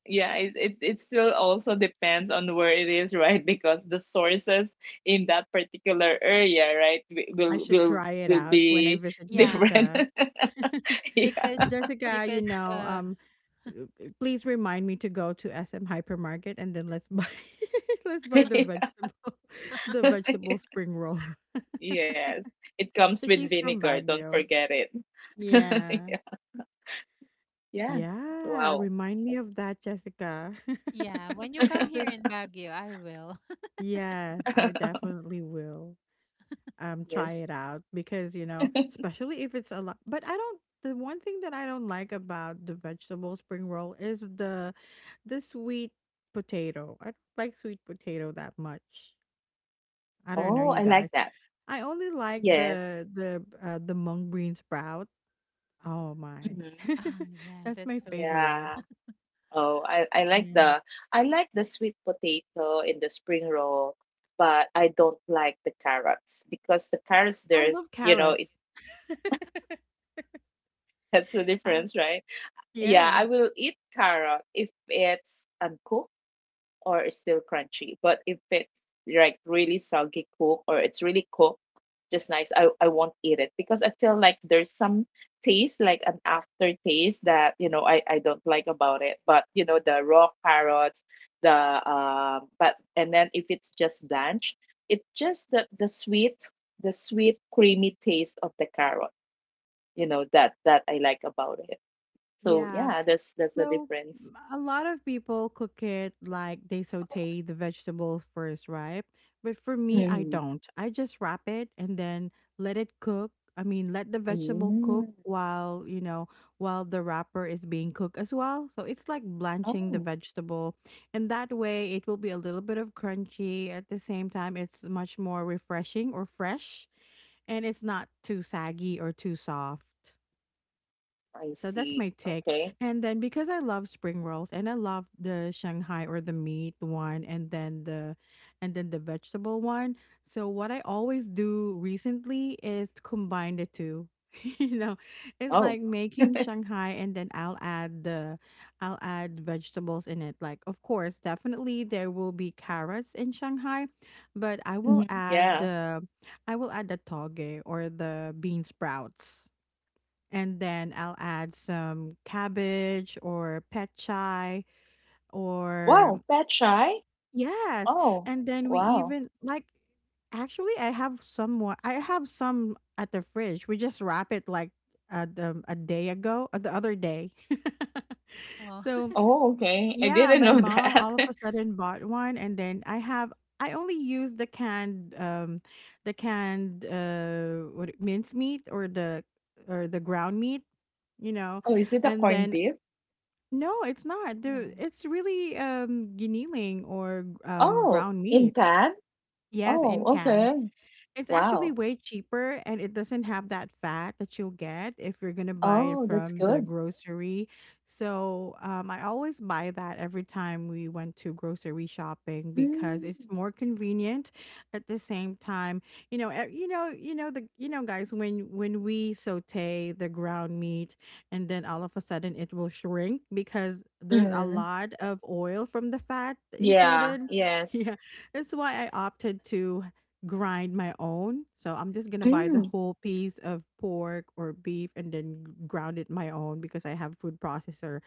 S2: yeah it, it, it still also depends on where it is, [laughs] right? Because the sources in that particular area, right, wi-
S1: I
S2: will
S1: should
S2: will
S1: try it
S2: will
S1: out when I
S2: be
S1: visit
S2: [laughs]
S3: Yeah,
S2: different.
S1: Jessica.
S2: [laughs]
S1: [laughs]
S3: because
S2: Yeah.
S1: Jessica, you
S3: because
S1: know,
S3: the
S1: um, uh, uh, please remind me to go to S M Hypermarket and then let's buy [laughs] let's buy the
S2: [laughs]
S1: vegetable [laughs] the vegetable spring roll [laughs]
S2: Yes, it comes
S1: because
S2: with
S1: she's from
S2: vinegar, don't
S1: Baguio.
S2: forget it. [laughs]
S1: Yeah.
S2: Yeah. Yeah.
S1: Yeah,
S2: Wow.
S1: remind me of that, Jessica.
S3: yeah, when you come
S1: [laughs]
S3: here
S1: That's
S3: in Baguio, I will. [laughs]
S1: yes, I
S2: [laughs]
S1: definitely will um
S2: Yes.
S1: try it out because you know, especially if it's a lot. But I don't. The one thing that I don't like about the vegetable spring roll is the the sweet potato. I don't like sweet potato that much. I don't know,
S2: Oh,
S1: you
S3: Mm.
S2: I like
S1: guys.
S2: that.
S1: I only like
S2: Yes.
S1: the the uh, the mung bean sprout. Oh my,
S2: hmm
S3: Oh,
S1: [laughs]
S3: yeah,
S1: that's
S3: that's
S1: my
S3: so nice.
S1: favorite.
S2: yeah. Oh, I, I like
S1: Yeah,
S2: the I like the sweet potato in the spring roll, but I don't like the carrots because the carrots
S1: I
S2: there's,
S1: love
S2: you know, it.
S1: carrots. [laughs]
S2: [laughs] That's the
S1: Uh,
S2: difference, right? Yeah,
S1: yeah,
S2: I will eat carrot if it's uncooked or it's still crunchy. But if it's like really soggy cooked or it's really cooked just nice, I, I won't eat it because I feel like there's some taste, like an aftertaste that, you know, I, I don't like about it. But, you know, the raw carrots, the, um, but, and then if it's just blanched, it's just the, the sweet, the sweet, creamy taste of the carrot, you know, that, that I like about it. So
S1: yeah.
S2: yeah, that's, that's the
S1: So
S2: difference.
S1: m- a lot of people cook it like they saute the vegetables first, right? But for me, I
S2: Mm-hmm.
S1: don't. I just wrap it and then let it cook. I mean, let the vegetable cook
S2: Mm.
S1: while, you know, while the wrapper is being cooked as well. So it's like blanching the
S2: Oh.
S1: vegetable. And that way it will be a little bit of crunchy. At the same time, it's much more refreshing or fresh. And it's not too saggy or too soft.
S2: I
S1: So that's my
S2: see.
S1: take.
S2: Okay.
S1: And then because I love spring rolls and I love the Shanghai or the meat one and then the and then the vegetable one. So what I always do recently is to combine the two. [laughs] You know, it's
S2: Oh.
S1: like making Shanghai and then I'll add the I'll add vegetables in it. Like of course, definitely there will be carrots in Shanghai, but I
S2: hmm
S1: will add
S2: Yeah.
S1: the I will add the toge or the bean sprouts, and then I'll add some cabbage or pet chai or
S2: Wow. That shy?
S1: yes,
S2: Oh.
S1: and then we
S2: Wow.
S1: even like actually I have some more. I have some at the fridge. We just wrap it like uh, the, a day ago, uh, the other day. [laughs]
S3: Oh,
S1: So
S3: [laughs]
S2: Oh, okay. I
S1: yeah,
S2: didn't
S1: my
S2: know [laughs]
S1: mom
S2: that.
S1: all of a sudden bought one, and then I have I only use the canned um the canned uh what it- mincemeat or the or the ground meat, you know,
S2: Oh, is it a
S1: and
S2: corned
S1: then
S2: beef?
S1: no, it's not.
S3: no.
S1: There, it's really um giniling or um
S2: Oh,
S1: ground
S2: in
S1: meat.
S2: can?
S1: Yes, in
S2: Oh,
S1: can.
S2: okay.
S1: It's actually
S2: Wow.
S1: way cheaper and it doesn't have that fat that you'll get if you're going to buy it
S2: Oh, that's
S1: from the
S2: good.
S1: grocery. So, um, I always buy that every time we went to grocery shopping because it's
S2: Mm.
S1: more convenient at the same time. You know, eh, you know, you know the you know guys, when when we saute the ground meat and then all of a sudden it will shrink because there's a
S2: Mm.
S1: lot of oil from the fat
S2: Yeah.
S1: included. [laughs]
S2: Yes.
S1: Yeah, that's why I opted to grind my own. So I'm just gonna buy the
S2: Mm.
S1: whole piece of pork or beef and then g- ground it my own because I have food processor.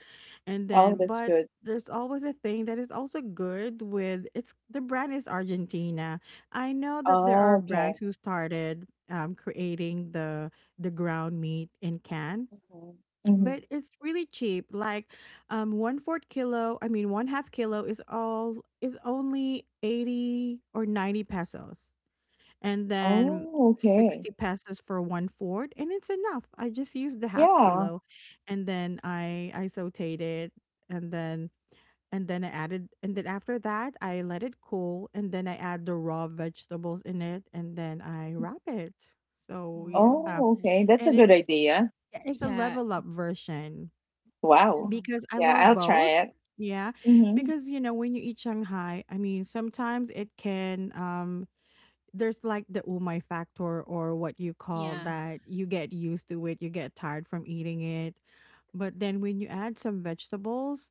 S1: And
S2: Oh,
S1: then
S2: that's
S1: but
S2: good.
S1: there's always a thing that is also good with it's the brand is Argentina. I know that there
S2: Oh,
S1: are brands
S2: okay.
S1: who started um, creating the the ground meat in can,
S2: hmm hmm
S1: but it's really cheap. Like um one fourth kilo, I mean one half kilo is all is only eighty or ninety pesos, and then
S2: Oh, okay.
S1: sixty pesos for one fourth, and it's enough. I just used the half
S2: Yeah.
S1: kilo, and then i i sauteed it, and then and then I added and then after that I let it cool, and then I add the raw vegetables in it, and then I wrap it. So
S3: Oh,
S1: yeah,
S3: that's
S2: Oh,
S3: nice.
S2: okay. That's a
S1: and
S2: good
S1: it's
S2: idea.
S1: it's a
S3: Yeah.
S1: level up version
S2: Wow.
S3: Mhm,
S1: because I
S2: Yeah,
S1: love
S2: I'll
S1: both.
S2: try it.
S1: Yeah,
S2: Mhm.
S1: because you know when you eat Shanghai, I mean sometimes it can um there's like the umai factor or what you call
S3: yeah.
S1: that, you get used to it, you get tired from eating it. But then when you add some vegetables,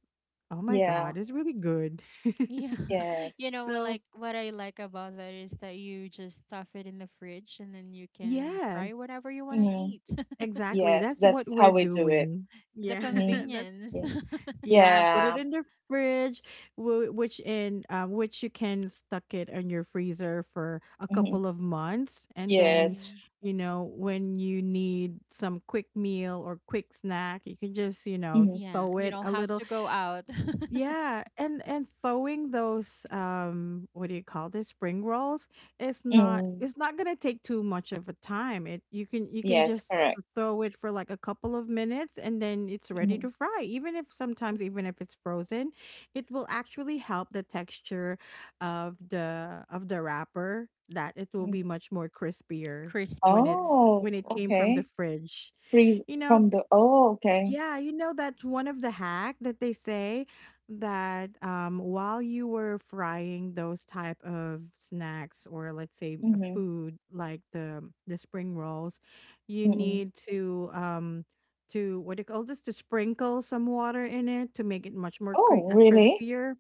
S1: oh my
S2: Yeah.
S1: God, it's really good. [laughs]
S3: Yeah.
S2: Yes.
S3: [laughs] You know what
S1: So,
S3: like what I like about that is that you just stuff it in the fridge and then you can
S1: yes,
S3: fry whatever you want to
S2: Mhm.
S3: eat. [laughs]
S1: exactly.
S2: Yes,
S1: That's what
S2: that's how
S1: we're
S2: we do it.
S1: doing.
S3: The
S1: Yeah, [laughs]
S2: Mhm.
S1: that's
S3: convenience.
S2: Yeah.
S3: [laughs]
S1: yeah, put it
S2: Yeah.
S1: in the fridge, wh- which in um, which you can stuck it in your freezer for a
S2: Mhm.
S1: couple of months, and then,
S2: Yes.
S3: Mhm.
S1: you know, when you need some quick meal or quick snack, you can just you know
S2: Mhm.
S3: Yeah,
S1: throw
S3: you
S1: it
S3: don't
S1: a
S3: have
S1: little.
S3: to go out. [laughs]
S1: Yeah, and and thawing those um what do you call this spring rolls is not
S2: Mm.
S1: it's not gonna take too much of a time. It you can you can
S2: Yes,
S1: just
S2: correct.
S1: throw it for like a couple of minutes and then it's ready to
S2: Mhm.
S1: fry. Even if sometimes even if it's frozen, it will actually help the texture of the of the wrapper that it will be
S2: Mhm.
S1: much more crispier when
S3: Crispier.
S1: it's when
S2: Oh,
S1: it came from the
S2: okay.
S1: fridge.
S2: Freeze
S1: You know,
S2: from the Oh, okay.
S1: yeah, you know that's one of the hack that they say that um, while you were frying those type of snacks, or let's say a
S2: Mhm.
S1: food like the the spring rolls, you
S2: Mm-mm.
S1: need to um to, what do you call this, to sprinkle some water in it to make it much more cre-
S2: Oh,
S1: uh,
S2: really?
S1: crispier.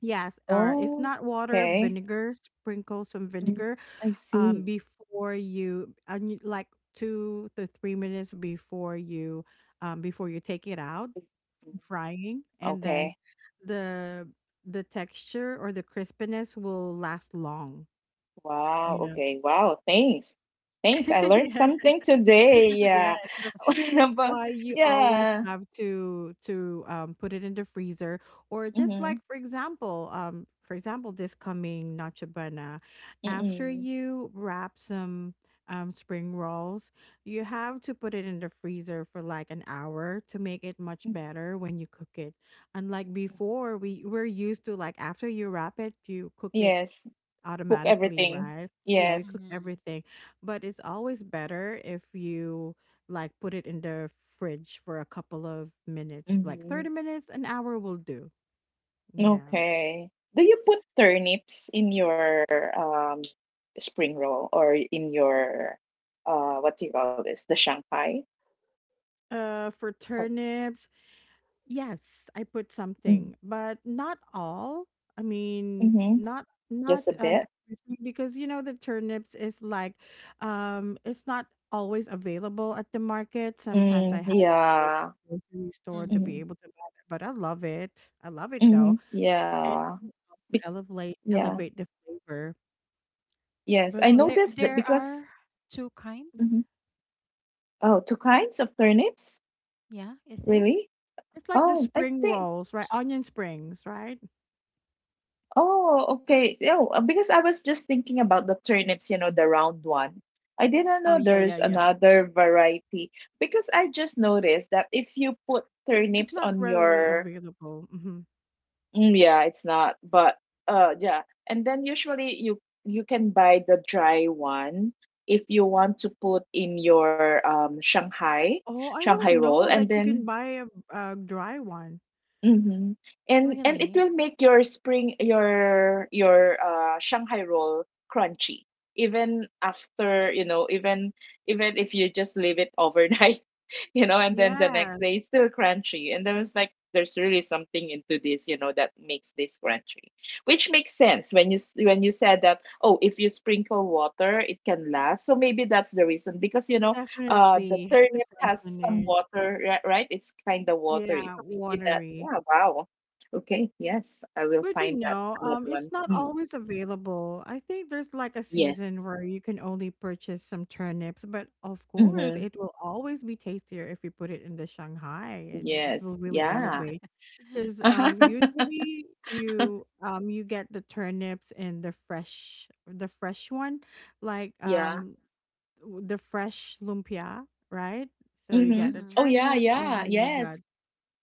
S1: Yes, or if
S2: Oh,
S1: not water,
S2: okay.
S1: vinegar. Sprinkle some
S2: Mm,
S1: vinegar
S2: I see.
S1: um before you and you- like two to three minutes before you um before you take it out
S2: Mm,
S1: from frying, and then
S2: okay.
S1: the the texture or the crispiness will last long,
S2: Wow,
S1: you know.
S2: okay. Wow, thanks. Thanks. I
S1: [laughs]
S2: learned
S1: Yeah.
S2: something today.
S1: Yeah,
S2: Yeah.
S1: so
S2: [laughs]
S1: that's
S2: But
S1: why you always
S2: yeah.
S1: have to to um, put it in the freezer, or just
S2: Mm-hmm.
S1: like, for example, um, for example, this coming Nacho Buena, after
S2: Mm-mm. Mm,
S1: you wrap some um, spring rolls, you have to put it in the freezer for like an hour to make it much
S2: hmm mm
S1: better when you cook it. Unlike
S2: mm mm
S1: before, we we're used to like, after you wrap it, you cook it
S2: Yes. Cook
S1: automatically,
S2: everything.
S1: right? Yeah, you
S2: Yes.
S1: cook
S3: Mm-hmm.
S1: everything, but it's always better if you like put it in the fridge for a couple of minutes, like
S2: Mm-hmm.
S1: thirty minutes, an hour will do. Yeah.
S2: Okay. Do you put turnips in your um spring roll or in your uh what do you call this? The Shanghai?
S1: Uh, for
S2: Like,
S1: turnips, yes, I put
S2: Mm-hmm.
S1: something, but not all. I mean,
S2: mm-hmm,
S1: not not
S2: Just a
S1: um
S2: bit.
S1: everything, because you know the turnips is like, um it's not always available at the market. Sometimes I
S2: Mm,
S1: had to go to
S2: yeah.
S1: the grocery store to
S3: Hmm.
S2: Mm-hmm.
S1: be able to buy that, but I love it. I love it though.
S2: mm-hmm,
S1: And it
S2: Yeah.
S1: will also
S2: Bec-
S1: elevate
S2: yeah.
S1: elevate the flavor.
S2: Yes,
S1: But
S2: I
S3: Oh,
S1: yeah,
S3: there
S2: noticed that
S3: there
S2: because
S3: are two kinds.
S2: Mhm. Oh, two kinds of turnips?
S3: Yeah, is there?
S2: Really?
S1: it's like the
S2: Oh, I
S1: spring
S2: think
S1: rolls, right? Onion springs, right?
S2: oh, okay. Yeah, uh, because I was just thinking about the turnips, you know, the round one. I didn't
S1: Oh
S2: know
S1: yeah,
S2: there's
S1: yeah, yeah.
S2: another variety because I just noticed that if you put
S1: It's
S2: turnips
S1: not
S2: on
S1: readily
S2: your
S1: available. Mm-hmm.
S2: mm, yeah, it's not, but uh yeah, and then usually you you can buy the dry one if you want to put in your um Shanghai
S1: Oh, I
S2: Shanghai
S1: don't
S2: roll
S1: know
S2: and
S3: Mm.
S1: that you
S2: then
S1: can buy a a dry one.
S2: Mhm. And and it
S3: Really?
S2: will make your spring your your uh Shanghai roll crunchy even after, you know, even even if you just leave it overnight, [laughs] you know, and then the next
S1: Yes,
S2: day it's still crunchy. And there was like there's really something into this, you know, that makes this crunchy. Which makes sense when you s- when you said that, oh, if you sprinkle water, it can last. So maybe that's the reason because you know, uh the
S1: definitely has a
S2: turnip
S1: crunch
S2: has
S1: in
S2: some
S1: it.
S2: water ri- right, it's kind of watery,
S1: Yeah,
S2: so maybe that,
S1: watery.
S2: yeah. Wow. Okay, yes, I will
S1: But you
S2: find that
S1: know,
S2: another
S1: um,
S2: one.
S1: it's not
S2: Mm.
S1: always available. I think there's like a
S2: Yes.
S1: season where you can only purchase some turnips, but of course,
S2: Mm-hmm.
S1: it will always be tastier if you put it in the Shanghai. It, it will
S2: Yes,
S1: really
S2: yeah.
S3: [laughs]
S1: elevate, because um,
S2: [laughs]
S1: usually you, um, you get the turnips and the fresh the fresh one, like
S2: Yeah.
S1: um the fresh lumpia, right? So you
S2: Mm-hmm.
S1: get the
S2: Oh
S3: Mm-hmm.
S2: yeah,
S1: turnips and
S2: yeah,
S1: then you
S2: yes.
S1: got,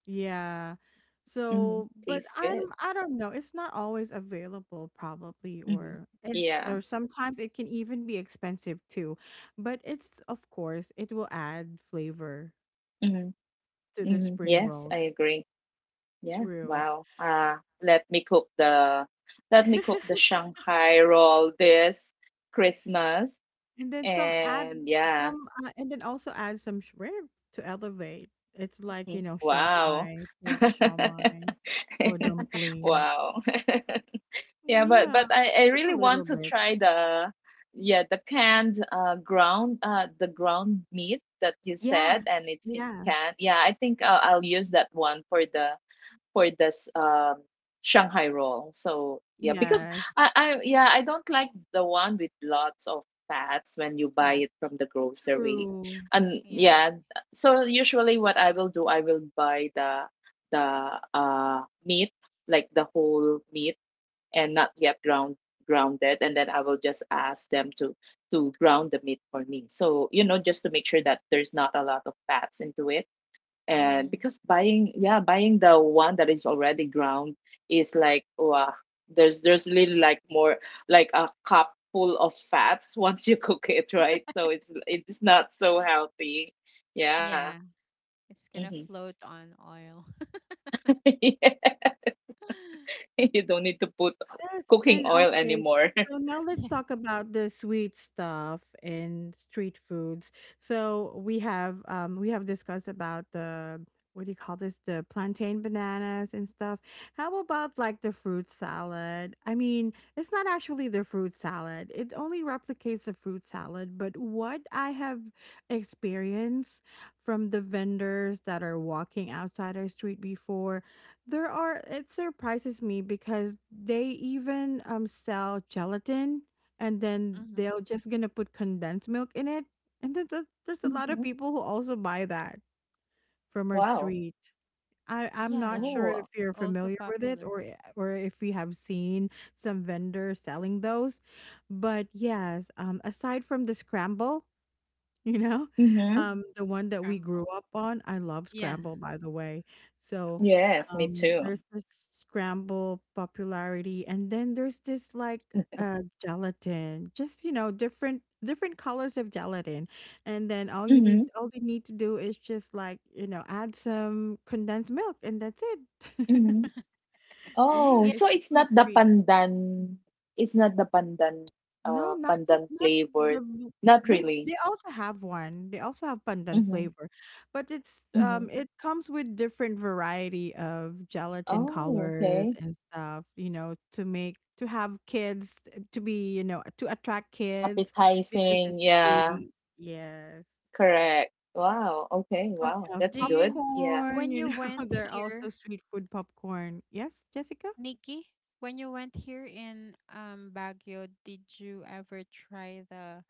S1: yeah. So,
S2: Mm-hmm.
S1: but
S2: Tastes
S1: I'm
S2: good.
S1: I don't know. It's not always available probably,
S2: Mm-hmm.
S1: or it's,
S2: Yeah.
S1: or sometimes it can even be expensive too. But it's, of course, it will add flavor
S2: Mm-hmm.
S1: to the
S2: Mm-hmm.
S1: spring
S2: Yes,
S1: rolls.
S2: I agree. Yeah,
S1: True.
S2: wow, uh let me cook the let me cook the
S1: [laughs]
S2: shanghai roll this christmas.
S1: And then some add
S2: And yeah.
S1: some, uh, and then also add some shrimp to elevate. It's like, you
S2: Mhm.
S1: know,
S2: Wow.
S1: shawmai, pork shawmai,
S2: [laughs]
S1: or dumpling.
S2: Wow. [laughs] Yeah, but but
S1: Yeah,
S2: I I
S1: just
S2: really
S1: a little
S2: want to
S1: bit.
S2: try the yeah, the canned uh ground uh the ground meat that you
S1: Yeah,
S2: said and it's in
S1: yeah,
S2: can. Yeah, I think I'll I'll use that one for the for this um Shanghai roll. So yeah, because
S1: yes,
S2: I, I yeah, I don't like the one with lots of fats when you buy
S3: Fat.
S2: it from the grocery.
S1: true.
S2: And
S3: Yeah.
S2: yeah, so usually what I will do, I will buy the the uh meat, like the whole meat and not yet ground grounded and then I will just ask them to to ground the meat for me. So, you know, just to make sure that there's not a lot of fats into it and
S3: Mm-hmm.
S2: because buying, yeah, buying the one that is already ground is like, wow, there's there's really like more like a cup full of fats [laughs] once you cook it, right? So it's it's not so healthy, yeah.
S3: Yeah, it's
S2: hmm
S3: gonna float on oil.
S2: [laughs] yeah. You don't need to put
S1: Yes,
S2: cooking
S1: and
S2: oil
S1: okay.
S2: anymore.
S1: So
S2: [laughs]
S1: now let's
S3: [laughs] Yeah.
S1: talk about the sweet stuff and street foods. So we have um we have discussed about the, what do you call this? The plantain bananas and stuff. How about like the fruit salad? I mean, it's not actually the fruit salad. It only replicates the fruit salad, but what I have experienced from the vendors that are walking outside our street before, there are it surprises me because they even um sell gelatin, and then
S3: Mm-hmm.
S1: they're just gonna put condensed milk in it. And then there's there's a lot
S2: hmm
S1: of people who also buy that from our
S2: wow
S1: street. I, I'm not
S3: Yeah,
S1: sure if
S2: oh
S3: that's
S1: you're
S3: also
S1: familiar with it,
S3: popular.
S1: or i- or if you have seen some vendors selling those. But yes, um aside from the scramble, you know?
S2: hmm
S1: Um, Mhm. The one that we grew
S3: Scramble.
S1: up on, I love
S3: Yeah.
S1: scramble, by the way. So,
S2: yes, me
S1: um,
S2: too.
S1: there's this scramble popularity, and then there's this like uh gelatin, just, you know, different different colors of gelatin. And then all you need
S2: hmm
S1: all they need to do is just like, you know, add some condensed milk and that's it.
S2: hmm
S1: [laughs] Yeah,
S3: [laughs]
S2: Oh,
S3: Yeah.
S1: it's
S2: so
S1: a
S2: it's
S1: sweet
S2: not the
S1: treat.
S2: pandan. It's not the pandan,
S1: No,
S2: uh,
S1: not just
S2: pandan
S1: not
S2: flavor.
S1: the,
S2: Not
S1: they
S2: really.
S1: they also have one. They also have pandan
S2: Mm-hmm.
S1: flavor. But it's,
S2: Mm-hmm.
S1: um it comes with different variety of gelatin
S2: Oh,
S1: colors
S2: okay.
S1: and stuff, you know, to make to have kids to be, you know, to attract kids because it's
S2: Appetizing. Yeah,
S1: sweet. Yes.
S2: correct. Wow. Okay.
S1: What
S2: Wow.
S1: else?
S2: That's
S3: Do you,
S2: good.
S3: kn-
S2: Yeah.
S1: Popcorn,
S3: when
S1: you
S3: you
S1: know, [laughs]
S3: went
S1: they're also
S3: here,
S1: street food popcorn. Yes, Jessica?
S3: Nikki, when you went here in um, Baguio, did you ever try the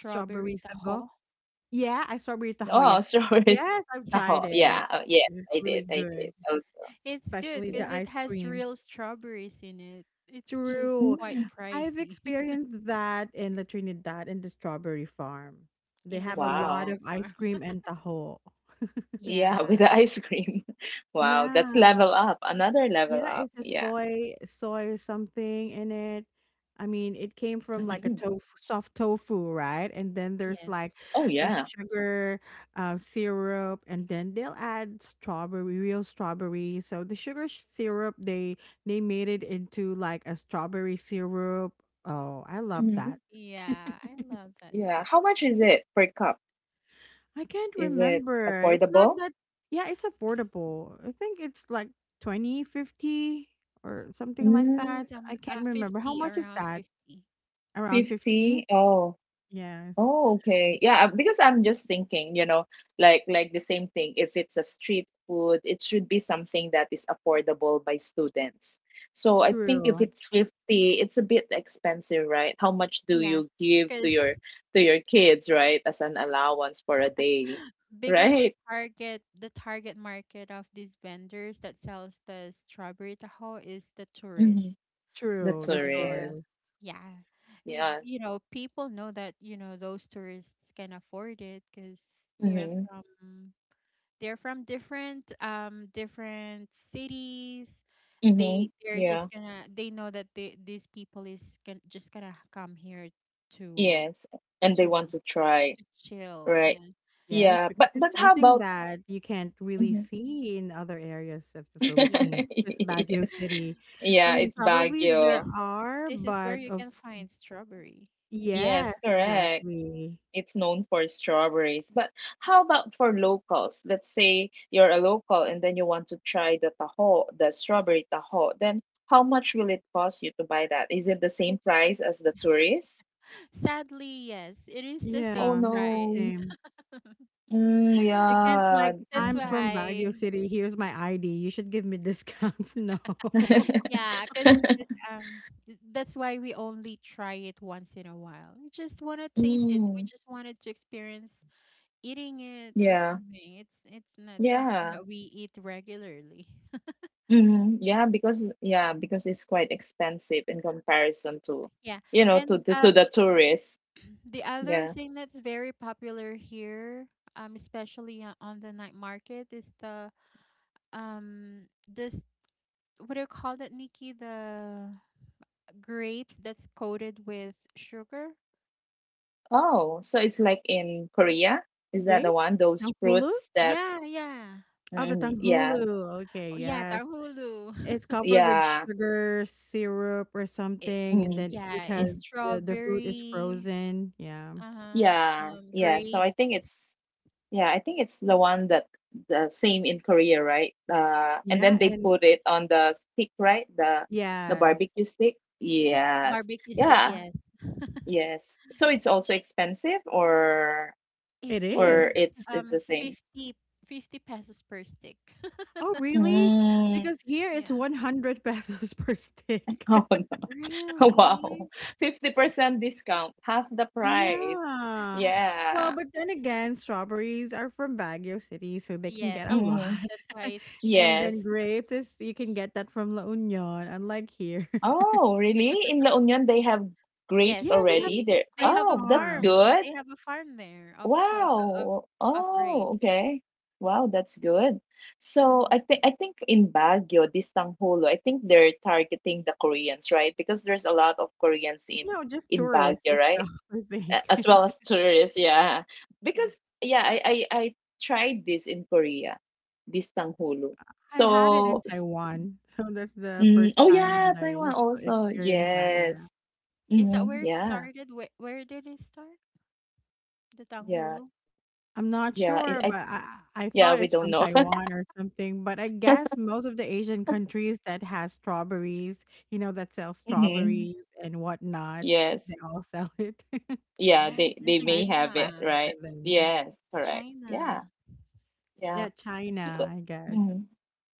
S1: Strawberry
S3: taho?
S1: sago.
S3: [laughs]
S1: Yeah, I strawberry tahoe. Yeah.
S2: Oh, [laughs] strawberries.
S1: Yes, I've
S3: Yeah,
S1: tried
S2: Oh,
S1: it,
S2: yeah. Oh, yes,
S1: and it's
S2: I
S1: really
S2: did. I
S1: good,
S2: did also.
S3: it's good
S1: especially the
S3: because
S2: Yeah.
S3: it
S1: ice
S3: has
S1: cream.
S3: real strawberries in it. It's just
S1: True.
S3: quite
S2: Mm.
S1: I've
S3: pricey. [laughs]
S1: experienced that in La Trinidad in the strawberry farm. They
S3: In the
S1: have a lot
S2: Wow.
S1: of
S3: strawberry
S1: ice
S3: farm.
S1: cream
S3: [laughs]
S1: and taho.
S2: Yeah, [laughs] with
S3: Yeah,
S2: the ice cream. [laughs] Wow, that's
S1: Yeah.
S2: level up. Another level
S1: Yeah,
S2: up.
S1: it's a
S2: Yeah.
S1: soy soy something in it. I mean, it came from
S2: hmm
S1: like a tofu, soft tofu, right? And then there's like
S3: yes.
S2: Oh, yeah.
S1: a sugar, uh, syrup, and then they'll add strawberry, real strawberry. So the sugar sh- syrup, they they made it into like a strawberry syrup. Oh, I love
S2: Mm-hmm.
S1: that.
S3: Yeah, I
S1: [laughs]
S3: love that
S2: Yeah.
S3: too.
S2: How much is it per cup?
S1: I can't
S2: Is it
S1: remember. It's not
S2: affordable?
S1: that, yeah, it's affordable. I think it's like twenty fifty or something like that.
S2: Mm,
S1: I
S3: Some uh,
S1: can't remember. How
S3: fifty,
S1: much is
S3: around
S1: that?
S3: fifty.
S1: Around fifty?
S2: fifty. Oh.
S1: Yes.
S2: Oh, okay. Yeah, uh, because I'm just thinking, you know, like like the same thing. If it's a street food, it should be something that is affordable by students. So I think if
S1: True.
S2: it's fifty, it's a bit expensive, right? How much do
S3: Yeah,
S2: you give to
S3: because
S2: your to your kids, right? As an allowance for a day, [laughs]
S3: because the
S2: right?
S3: target the target market of these vendors that sells the strawberry tahoe is the tourists.
S2: Mm-hmm. That's
S1: True.
S3: You
S2: a
S1: The
S3: know the
S2: risk.
S1: tourist.
S3: Yeah. Y-
S2: Yeah.
S3: you know people know that, you know those tourists can afford it because they're
S2: Mm-hmm.
S3: from they're from different um different cities. they
S2: Mm-hmm.
S3: they're
S2: Yeah.
S3: just gonna they know that, they, these people is gonna just gonna come here, to
S2: Yes, and they
S3: to
S2: want to try,
S3: to chill,
S2: right?
S3: yeah.
S1: Yes,
S2: Yeah,
S1: because
S2: but
S1: it's
S2: but how
S1: something
S2: about
S1: that you can't really
S2: Mhm.
S1: see in other areas of the Philippines,
S3: Yes.
S1: just
S2: [laughs]
S1: Baguio
S2: Yes.
S1: City.
S3: [laughs]
S1: I
S2: Yeah,
S1: mean,
S2: it's
S1: probably there
S2: Baguio.
S3: Because
S1: are,
S3: this is where
S1: but
S3: you
S1: of,
S3: can find strawberry.
S2: Yes,
S1: yes,
S2: correct.
S1: exactly.
S2: It's known for strawberries. But how about for locals? Let's say you're a local and then you want to try the taho, the strawberry taho. Then how much will it cost you to buy that? Is it the same
S3: It's
S2: price as the tourists?
S3: Sadly, yes, it is the
S2: Oh
S3: same
S1: Yeah, it's the
S3: price.
S2: no.
S1: same.
S2: Mm,
S1: You can't
S2: yeah.
S1: like,
S3: [laughs] That's
S1: I'm
S2: Mhm.
S1: from Baguio
S3: why,
S1: City. Here's my I D. You should give me discounts. [laughs] No.
S3: [sighs] yeah, because
S2: [laughs]
S3: um, th- that's why we only try it once in a while. We just want to taste it. We
S2: Mm,
S3: just wanted to experience eating it or
S2: yeah.
S3: something. It's it's not something
S2: Yeah.
S3: that we eat regularly.
S2: hmm Yeah, because yeah, because it's quite expensive in comparison to,
S3: Yeah,
S2: you know, to
S3: and
S2: the
S3: uh,
S2: to the tourists.
S3: [clears throat] the other
S2: Yeah.
S3: thing that's very popular here, um, especially uh, on the night market, is the um this, what do you call that, Nikki? The grapes that's coated with sugar?
S2: Oh, so it's like in Korea? Is that the
S1: Grapes?
S2: one? Those
S1: Tanghulu?
S2: fruits that
S3: Yeah, yeah.
S1: Oh, the
S2: mm, yeah,
S1: tanghulu. Okay,
S3: Oh, yeah,
S1: yes.
S3: tahulu.
S1: It's
S3: [laughs]
S1: covered with
S2: yeah.
S1: sugar, syrup, or
S3: It,
S1: something, and
S2: Mm,
S1: then
S3: yeah, it's
S2: mm,
S1: because the, the fruit is
S3: strawberry,
S1: frozen. Yeah.
S3: uh-huh,
S2: yeah,
S3: um,
S2: yeah. So
S3: grape,
S2: I think it's yeah, I think it's the one that the same in Korea, right? Uh, and
S1: Yeah,
S2: then they
S1: and
S2: put it on the stick, right? The the
S1: yes,
S2: barbecue stick. Yes.
S3: barbecue stick,
S2: Yeah,
S3: yes.
S2: yes. So it's also expensive or
S3: It
S1: it
S2: or
S3: is
S1: is.
S2: it's it's
S3: um
S2: the same?
S3: fifty fifty pesos per stick. [laughs]
S1: Oh, really?
S2: Mm.
S1: Because
S2: [laughs]
S1: here it's
S3: Yeah.
S1: one hundred pesos per stick. [laughs]
S2: Oh no. [laughs]
S3: Really?
S2: Wow. fifty percent discount, half the price.
S1: Yeah.
S3: Half the
S1: Well,
S2: Yeah.
S1: but then again, strawberries are from Baguio City, so they can
S3: Yes.
S1: get a lot.
S2: Mm.
S3: That's why it's
S1: [laughs] And
S3: cheaper.
S1: then
S2: Yes.
S1: grapes, is you can get that from La Union, unlike here. [laughs]
S2: Oh, really? In La Union they have
S3: Yes,
S2: grapes
S1: Yeah, they have
S2: already.
S3: they
S2: There.
S3: they
S1: grape
S3: have a
S2: Oh, that's
S1: farm.
S3: farm. They
S2: good.
S3: have a farm there of straw of
S2: Wow.
S3: of
S2: Oh,
S3: grapes.
S2: okay. Wow, that's good. So
S3: Hmm.
S2: I think I think in Baguio, this Tangholo, I think they're targeting the Koreans, right? Because there's a lot of Koreans in
S1: No, just
S2: in
S1: tourists
S2: Baguio, right?
S1: itself, [laughs] I
S2: A-
S1: think.
S2: As well as
S1: [laughs]
S2: tourists, yeah.
S3: Yeah.
S2: Because yeah, I I, I tried this in Korea, this Tangholo.
S1: I had it in
S2: So s-
S1: Taiwan, so that's the
S2: mm, oh
S1: first time
S2: yeah,
S1: that I
S2: Taiwan
S1: s-
S2: also.
S1: experienced that. Yeah.
S2: Yes.
S3: Is that
S2: hmm
S3: where it
S2: Yeah.
S3: started? Where where did it start? The
S2: Yeah.
S3: Tanghulu?
S1: I'm not
S2: Yeah. I,
S1: sure,
S2: I
S1: but I I
S2: yeah, we
S1: thought it's
S2: don't
S1: from
S2: know.
S1: Taiwan or something, but I guess most of the Asian countries that has strawberries, you know, that sell
S2: [laughs] hmm
S1: strawberries and whatnot,
S2: Yes.
S1: they all sell it. [laughs] I
S2: Yeah,
S3: Ah,
S2: they
S3: it's
S2: they
S1: think
S2: may
S1: it's a
S3: China.
S2: have it,
S1: classic for
S2: right?
S1: them.
S2: Yes,
S3: It's
S2: correct.
S3: China.
S2: Yeah, yeah.
S1: Yeah,
S2: Because
S1: China, I guess.
S2: mm,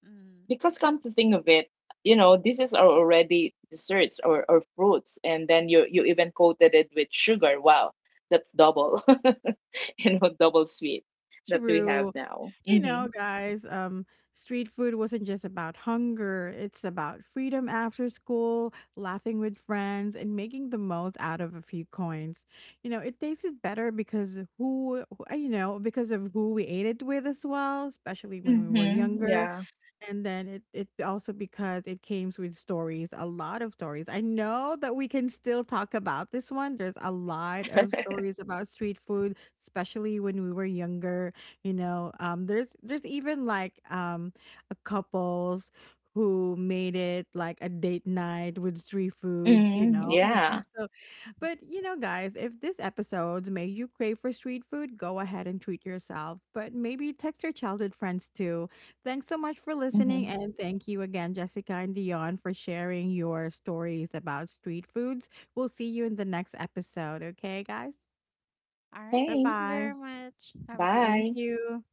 S3: Mm.
S2: because come to think of it, you know, this is are already desserts or or fruits, and then you you even coated it with sugar. Wow, that's double, [laughs] you know, double sweet that we have
S1: True.
S2: now.
S1: You
S2: Mm-hmm.
S1: know, guys, um, street food wasn't just about hunger. It's about freedom after school, laughing with friends, and making the most out of a few coins. You know, it tasted better because who, who- uh, you know, because of who we ate it with as well, especially when we were
S2: Mm-hmm. Yeah.
S1: younger. And then it, it also because it came with stories, a lot of stories. I know that we can still talk about this one. There's a lot of stories about street food, especially when we were younger. You know, um, there's there's even like um a couples who made it like a date night with street
S2: [laughs]
S1: foods.
S2: Mm,
S1: You know,
S2: yeah.
S1: [laughs] so, but
S3: [laughs]
S1: you know, guys, if this episode made you crave for street food, go ahead and treat yourself. But maybe text your childhood friends too. Thanks so much for
S2: Mm-hmm.
S1: listening, and thank you again, Jessica and Dion, for sharing your stories about street foods. We'll see you in the next episode, okay, guys?
S3: All right,
S1: Bye
S2: Thanks.
S3: thank you
S1: bye.
S3: very much. Have a great
S2: Bye.
S3: day.
S1: Thank you.